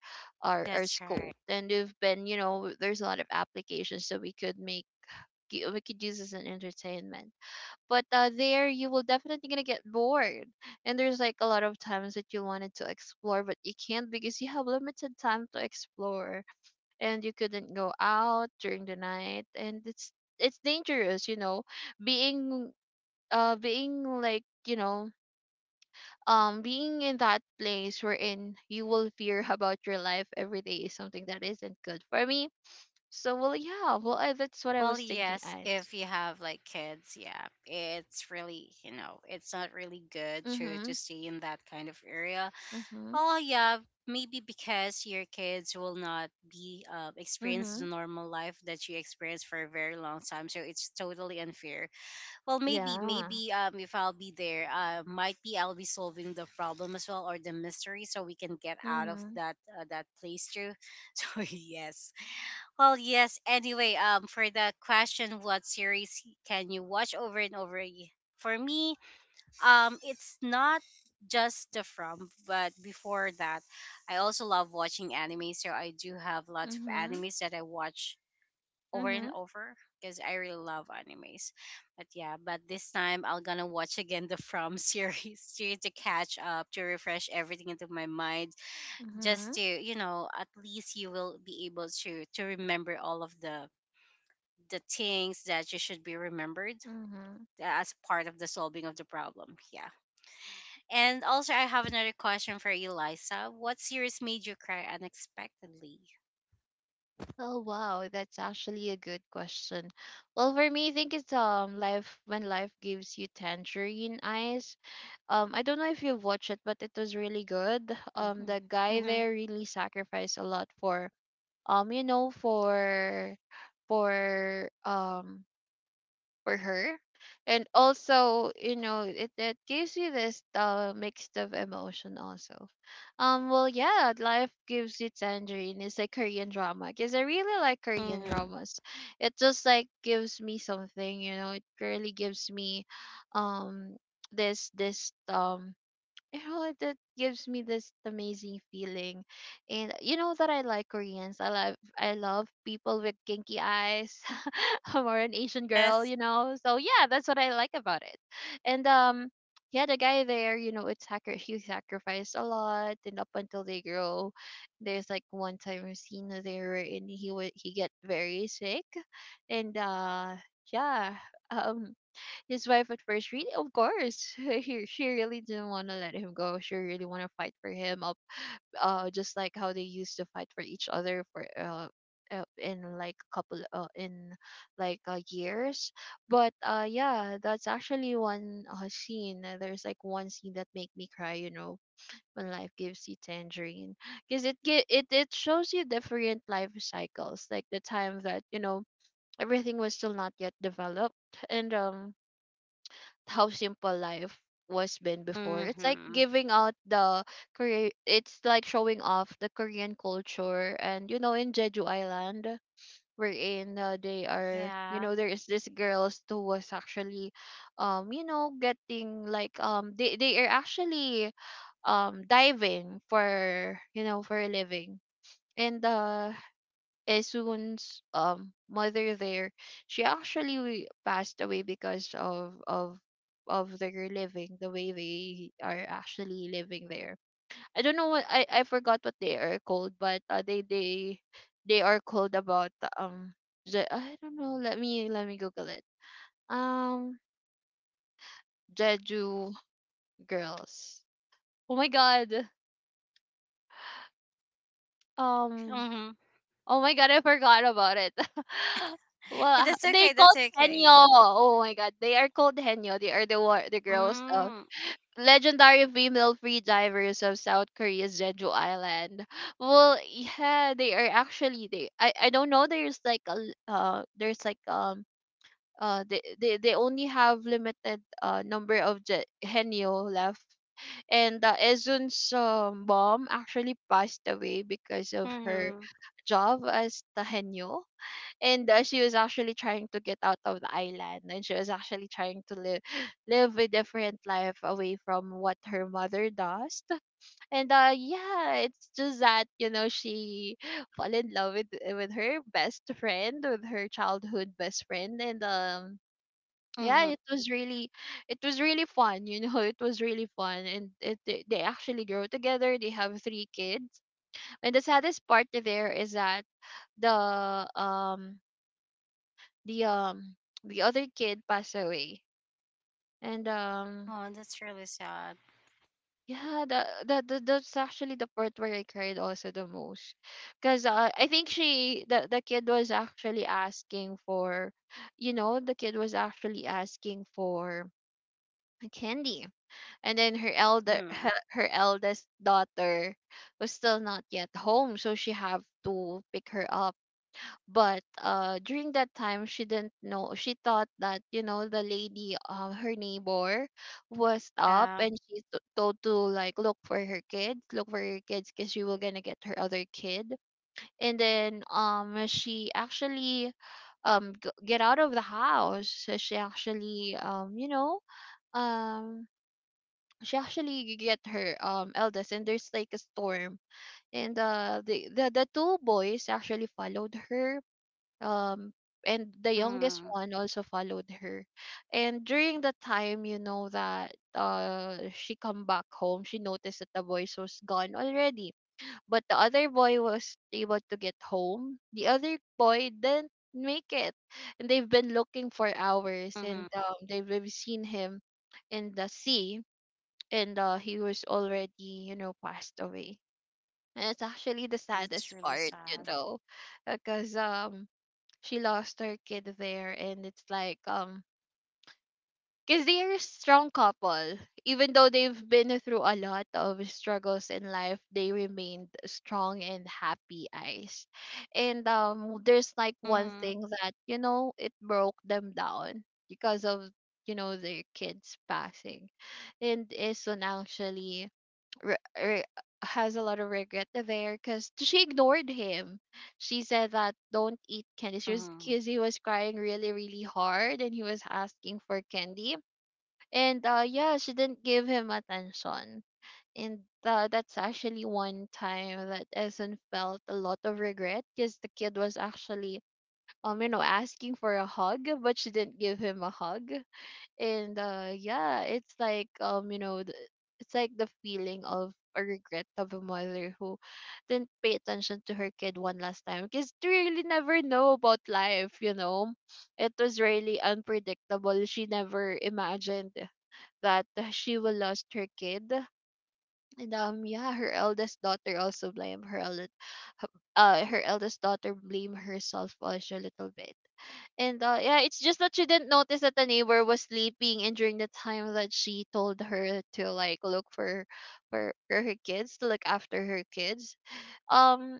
Speaker 2: our
Speaker 1: that's
Speaker 2: scope,
Speaker 1: right.
Speaker 2: and we've been, you know, there's a lot of applications that we could make we could use as an entertainment. But there you will definitely gonna get bored, and there's like a lot of times that you wanted to explore, but you can't because you have limited time to explore, and you couldn't go out during the night, and it's dangerous, you know, being being like you know being in that place wherein you will fear about your life every day is something that isn't good for me. So well yeah, well I, that's what I
Speaker 1: Well,
Speaker 2: was thinking
Speaker 1: yes,
Speaker 2: as
Speaker 1: if you have like kids, yeah, it's really, you know, it's not really good to
Speaker 2: mhm
Speaker 1: stay in that kind of area.
Speaker 2: mhm
Speaker 1: Oh, yeah, maybe because your kids will not be experience the
Speaker 2: mhm
Speaker 1: normal life that you experience for a very long time, so it's totally unfair. Well, maybe,
Speaker 2: yeah
Speaker 1: maybe if I'll be there, might be I'll be solving the problem as well or the mystery, so we can get out of
Speaker 2: mhm
Speaker 1: that that place too. So yes. Well, yes. Anyway, for the question, what series can you watch over and over? For me, it's not just the From, but before that, I also love watching anime. So I do have lots of
Speaker 2: mhm
Speaker 1: animes that I watch over and
Speaker 2: mhm
Speaker 1: over because I really love animes. But yeah, but this time I'm gonna watch again the From series to catch up, to refresh everything into my mind just
Speaker 2: mhm
Speaker 1: to you know at least you will be able to remember all of the things that you should be remembered
Speaker 2: mhm.
Speaker 1: as part of the solving of the problem. Yeah. And also, I have another question for you, Liza. What series made you cry unexpectedly?
Speaker 2: Oh wow, that's actually a good question. Well, for me, I think it's life when life gives you tangerine eyes. I don't know if you've watched it, but it was really good.
Speaker 1: Mm-hmm.
Speaker 2: The guy
Speaker 1: Mm-hmm.
Speaker 2: there really sacrificed a lot for um, you know, for for um for her. And also, you know, it gives you this mixed of emotion also. Yeah, life gives you tangerine. It's a Korean drama because I really like Korean
Speaker 1: Mm-hmm.
Speaker 2: dramas. It just like gives me something, It really gives me, um, this this you know like, that gives me this amazing feeling. And you know that I like Koreans. I love, I love people with kinky eyes. I'm more an Asian girl,
Speaker 1: Yes.
Speaker 2: you know, so yeah, that's what I like about it. And yeah, the guy there, you know, it's Hacker. He sacrificed a lot, and up until they grow, there's like one time I've seen that they were in, he get very sick. And yeah um his wife at first, really, of course, he she really didn't want to let him go. She really want to fight for him, just like how they used to fight for each other for in like a couple in like years. But yeah, that's actually one scene. There's like one scene that make me cry. You know, when life gives you tangerine, because it gi- it shows you different life cycles, like the time that, you know, everything was still not yet developed, and how simple life was been before. It's like
Speaker 1: Mm-hmm.
Speaker 2: giving out the Korea. It's like showing off the Korean culture, and you know, in Jeju Island, wherein they are, you
Speaker 1: Yeah.
Speaker 2: know, there is this girls who was actually, you know, getting like they are actually diving for, you know, for a living. And Esun's mother there, she actually passed away because of their living, the way they are actually living there. I don't know what I forgot what they are called, but they are called about I don't know. Let me Google it. Um, Jeju girls. Oh my God. Um,
Speaker 1: Mm-hmm.
Speaker 2: Oh my god, I forgot about it. Well,
Speaker 1: That's
Speaker 2: they
Speaker 1: okay. That's
Speaker 2: called
Speaker 1: okay.
Speaker 2: Henyo. Oh my god, they are called Henyo. They are the the girls,
Speaker 1: Mm.
Speaker 2: legendary female free divers of South Korea's Jeju Island. Well, yeah, they are actually they. I don't know. There's like a there's like they only have limited number of Henyo left. And Ezun's mom actually passed away because of her
Speaker 1: Mm-hmm.
Speaker 2: job as the henyo. And she was actually trying to get out of the island, and she was actually trying to live live a different life away from what her mother does. And yeah, it's just that, you know, she fall in love with her best friend, with her childhood best friend. And yeah,
Speaker 1: Mm-hmm.
Speaker 2: it was really, it was really fun, you know. It was really fun, and it, they actually grow together. They have three kids. And the saddest part there is that the um the um the other kid passed away. And
Speaker 1: Oh, that's really sad.
Speaker 2: yeah, that's actually the part where I cried also the most, because I think she the kid was actually asking for, you know, the kid was actually asking for candy. And then
Speaker 1: Mm-hmm.
Speaker 2: her, her eldest daughter was still not yet home, so she have to pick her up. But during that time she didn't know. She thought that, you know, the lady, her neighbor, was up,
Speaker 1: Yeah.
Speaker 2: and she told to like look for her kids, look for her kids, because she was gonna get her other kid. And then she actually get out of the house. So she actually, you know, um she actually get her eldest. And there's like a storm. And the two boys actually followed her, um and the youngest
Speaker 1: Mm-hmm.
Speaker 2: one also followed her. And during the time, you know, that she come back home, she noticed that the boys was gone already. But the other boy was able to get home. The other boy didn't make it. And they've been looking for hours,
Speaker 1: Mm-hmm.
Speaker 2: and they've seen him in the sea. And he was already, you know, passed away. And it's actually the
Speaker 1: That's
Speaker 2: saddest
Speaker 1: really
Speaker 2: part, you
Speaker 1: sad.
Speaker 2: know, because she lost her kid there, and it's like, because they are a strong couple. Even though they've been through a lot of struggles in life, they remained strong and happy eyes. And there's like one
Speaker 1: Mm-hmm.
Speaker 2: thing that, you know, it broke them down because of, you know, their kids passing. And Isun actually re- re- has a lot of regret there because she ignored him. She said that don't eat candy. She was,
Speaker 1: Mm-hmm.
Speaker 2: because he was crying really, really hard and he was asking for candy. And yeah, she didn't give him attention. And that's actually one time that Essen felt a lot of regret, because the kid was actually, you know, asking for a hug, but she didn't give him a hug. And yeah, it's like, you know, it's like the feeling of a regret of a mother who didn't pay attention to her kid one last time, because you really never know about life, you know. It was really unpredictable. She never imagined that she will lost her kid. And yeah, her eldest daughter also her eldest daughter blame herself also a little bit. And yeah, it's just that she didn't notice that the neighbor was sleeping. And during the time that she told her to like look for for her kids, to look after her kids, um,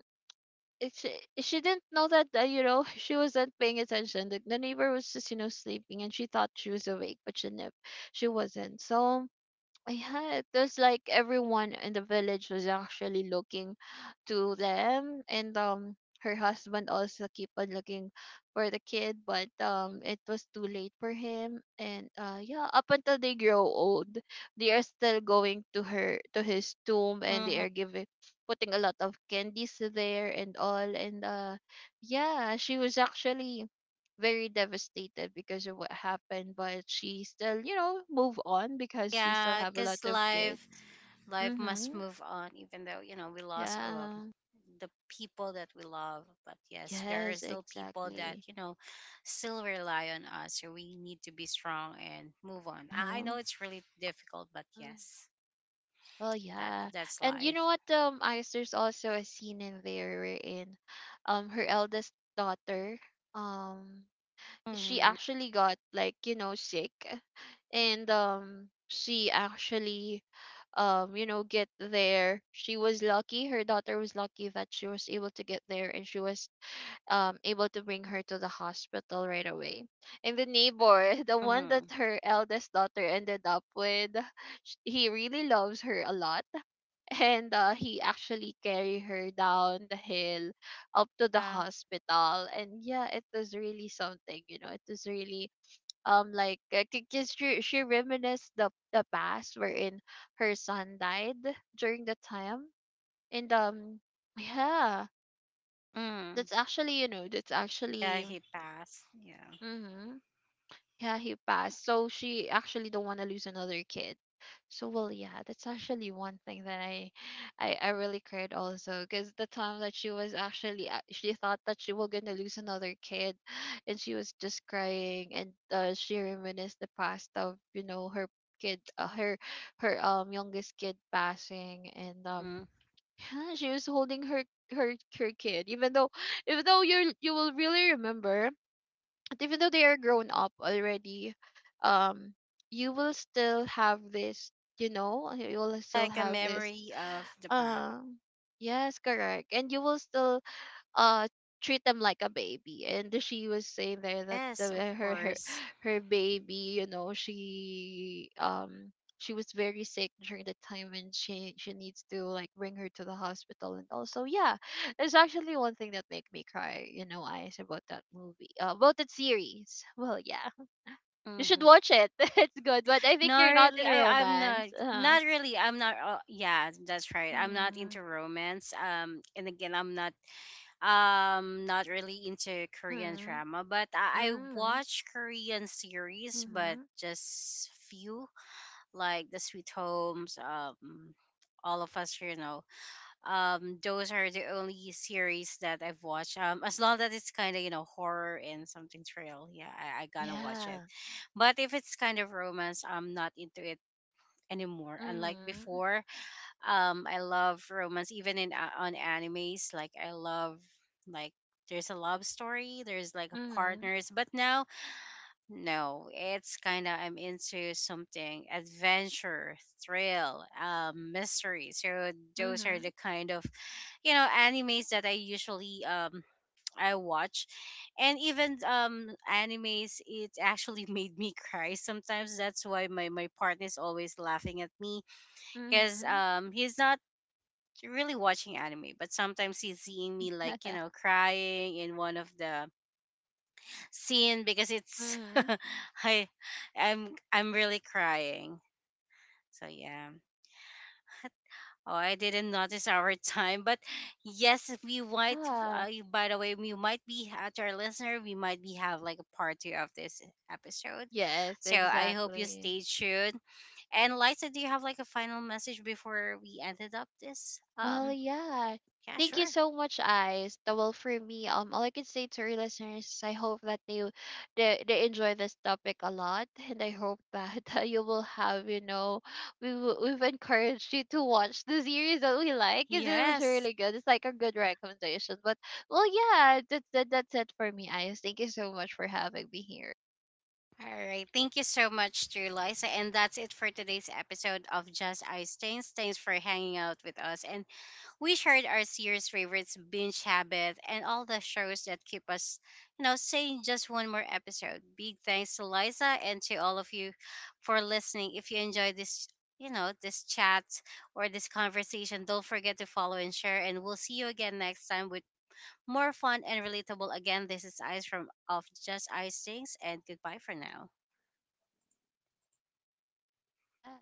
Speaker 2: it, she she didn't know that, you know, she wasn't paying attention. The neighbor was just, you know, sleeping, and she thought she was awake, but she wasn't. So yeah, it was like everyone in the village was actually looking to them, and her husband also keep on looking for the kid, but it was too late for him. And yeah, up until they grow old, they are still going to his tomb, and they
Speaker 1: Mm-hmm.
Speaker 2: are giving, putting a lot of candies there and all. And yeah, she was actually very devastated because of what happened, but she still, you know, move on because she still
Speaker 1: Yeah,
Speaker 2: have a lot
Speaker 1: because
Speaker 2: of
Speaker 1: life
Speaker 2: kids.
Speaker 1: life must
Speaker 2: Mhm.
Speaker 1: move on even though you know we lost our
Speaker 2: Yeah.
Speaker 1: the people that we love. But yes, there are
Speaker 2: Yes,
Speaker 1: still people that
Speaker 2: exactly.
Speaker 1: you know still rely on us, so we need to be strong and move on. I
Speaker 2: Uh-huh.
Speaker 1: know it's really difficult, but
Speaker 2: Mhm.
Speaker 1: yes,
Speaker 2: Well,
Speaker 1: that
Speaker 2: yeah.
Speaker 1: that's
Speaker 2: And you
Speaker 1: life.
Speaker 2: know what, Ice, there's also a scene in there wherein her eldest daughter um she
Speaker 1: Mm-hmm.
Speaker 2: actually got like, you know, sick. And she actually, you know, get there. She was lucky, her daughter was lucky that she was able to get there, and she was able to bring her to the hospital right away. And the neighbor, the one that
Speaker 1: Mm-hmm.
Speaker 2: her eldest daughter ended up with, he really loves her a lot. And he actually carried her down the hill up to the
Speaker 1: Yeah.
Speaker 2: hospital. And yeah, it was really something, you know. It was really um like because she reminisced the past wherein her son died during the time. And yeah,
Speaker 1: Mm-hmm.
Speaker 2: that's actually, you know, that's
Speaker 1: Yeah
Speaker 2: actually,
Speaker 1: he passed yeah.
Speaker 2: mhm, yeah, he passed. So she actually don't want to lose another kid. So well, yeah, that's actually one thing that I really cried also, because the time that she was actually, she thought that she was gonna lose another kid, and she was just crying. And she reminisced the past of, you know, her kid, her youngest kid passing. And
Speaker 1: Mm.
Speaker 2: yeah, she was holding her kid. Even though, even though, you will really remember, even though they are grown up already, um, you will still have this, you know, you will still
Speaker 1: Like a
Speaker 2: have this.
Speaker 1: memory of the past.
Speaker 2: Uh, yes, correct. And you will still uh treat them like a baby. And she was saying there that the,
Speaker 1: Yes of
Speaker 2: her her
Speaker 1: course.
Speaker 2: her baby, you know, she, she was very sick during the time, and she needs to like bring her to the hospital. And also yeah, there's actually one thing that make me cry, you know, eyes about that movie, about that series. Well, yeah, you should
Speaker 1: Hmm.
Speaker 2: watch it. It's good, but I think
Speaker 1: No,
Speaker 2: you're not
Speaker 1: really,
Speaker 2: in
Speaker 1: I'm
Speaker 2: romance,
Speaker 1: not. Not really. I'm not. Yeah, that's right. I'm not
Speaker 2: mm,
Speaker 1: into romance. And again, I'm not. Not really into Korean
Speaker 2: mm,
Speaker 1: drama. But I
Speaker 2: mm,
Speaker 1: watch Korean series, but
Speaker 2: mm-hmm.
Speaker 1: just few, like The Sweet Homes. All of us, you know. Those are the only series that I've watched. As long as it's kind of you know horror and something thrill, yeah, I gonna watch it.
Speaker 2: Yeah,
Speaker 1: But if it's kind of romance, I'm not into it anymore. Unlike
Speaker 2: mm,
Speaker 1: before, I love romance even in on animes. Like I love like there's a love story, there's like
Speaker 2: mm.
Speaker 1: partners, but now no, it's kind of I'm into something adventure, thrill, mystery. So those are the
Speaker 2: Mhm,
Speaker 1: kind of you know animes that I usually I watch. And even animes it actually made me cry sometimes. That's why my partner is always laughing at me because
Speaker 2: mhm.
Speaker 1: he's not really watching anime, but sometimes he's seeing me like you
Speaker 2: Mhm.
Speaker 1: know crying in one of the scene because it's i I'm really crying. So yeah, oh I didn't notice our time. But yes, if we might
Speaker 2: Yeah.
Speaker 1: by the way, we might be to our listener, we might be have like a part two of this episode.
Speaker 2: Yes,
Speaker 1: So I hope you
Speaker 2: exactly.
Speaker 1: stay tuned. And Liza, do you have like a final message before we ended up this
Speaker 2: Well, yeah.
Speaker 1: yeah
Speaker 2: Thank you
Speaker 1: sure.
Speaker 2: so much, Ice. That Well, for me, all I can say to our listeners is I hope that they enjoy this topic a lot. And I hope that you will have, you know, we've encouraged you to watch the series that we like. Is it was
Speaker 1: Yes.
Speaker 2: really good? It's like a good recommendation. But well, yeah, that, that's it for me, Ice. Thank you so much for having me here.
Speaker 1: All right. Thank you so much to Liza. And that's it for today's episode of Just Ice Things. Thanks for hanging out with us. And we shared our series favorites, binge habit, and all the shows that keep us, you know, saying just one more episode. Big thanks to Liza and to all of you for listening. If you enjoyed this, you know, this chat or this conversation, don't forget to follow and share. And we'll see you again next time with more fun and relatable. Again, this is Ice from Of Just Icings, and goodbye for now.
Speaker 2: Yeah.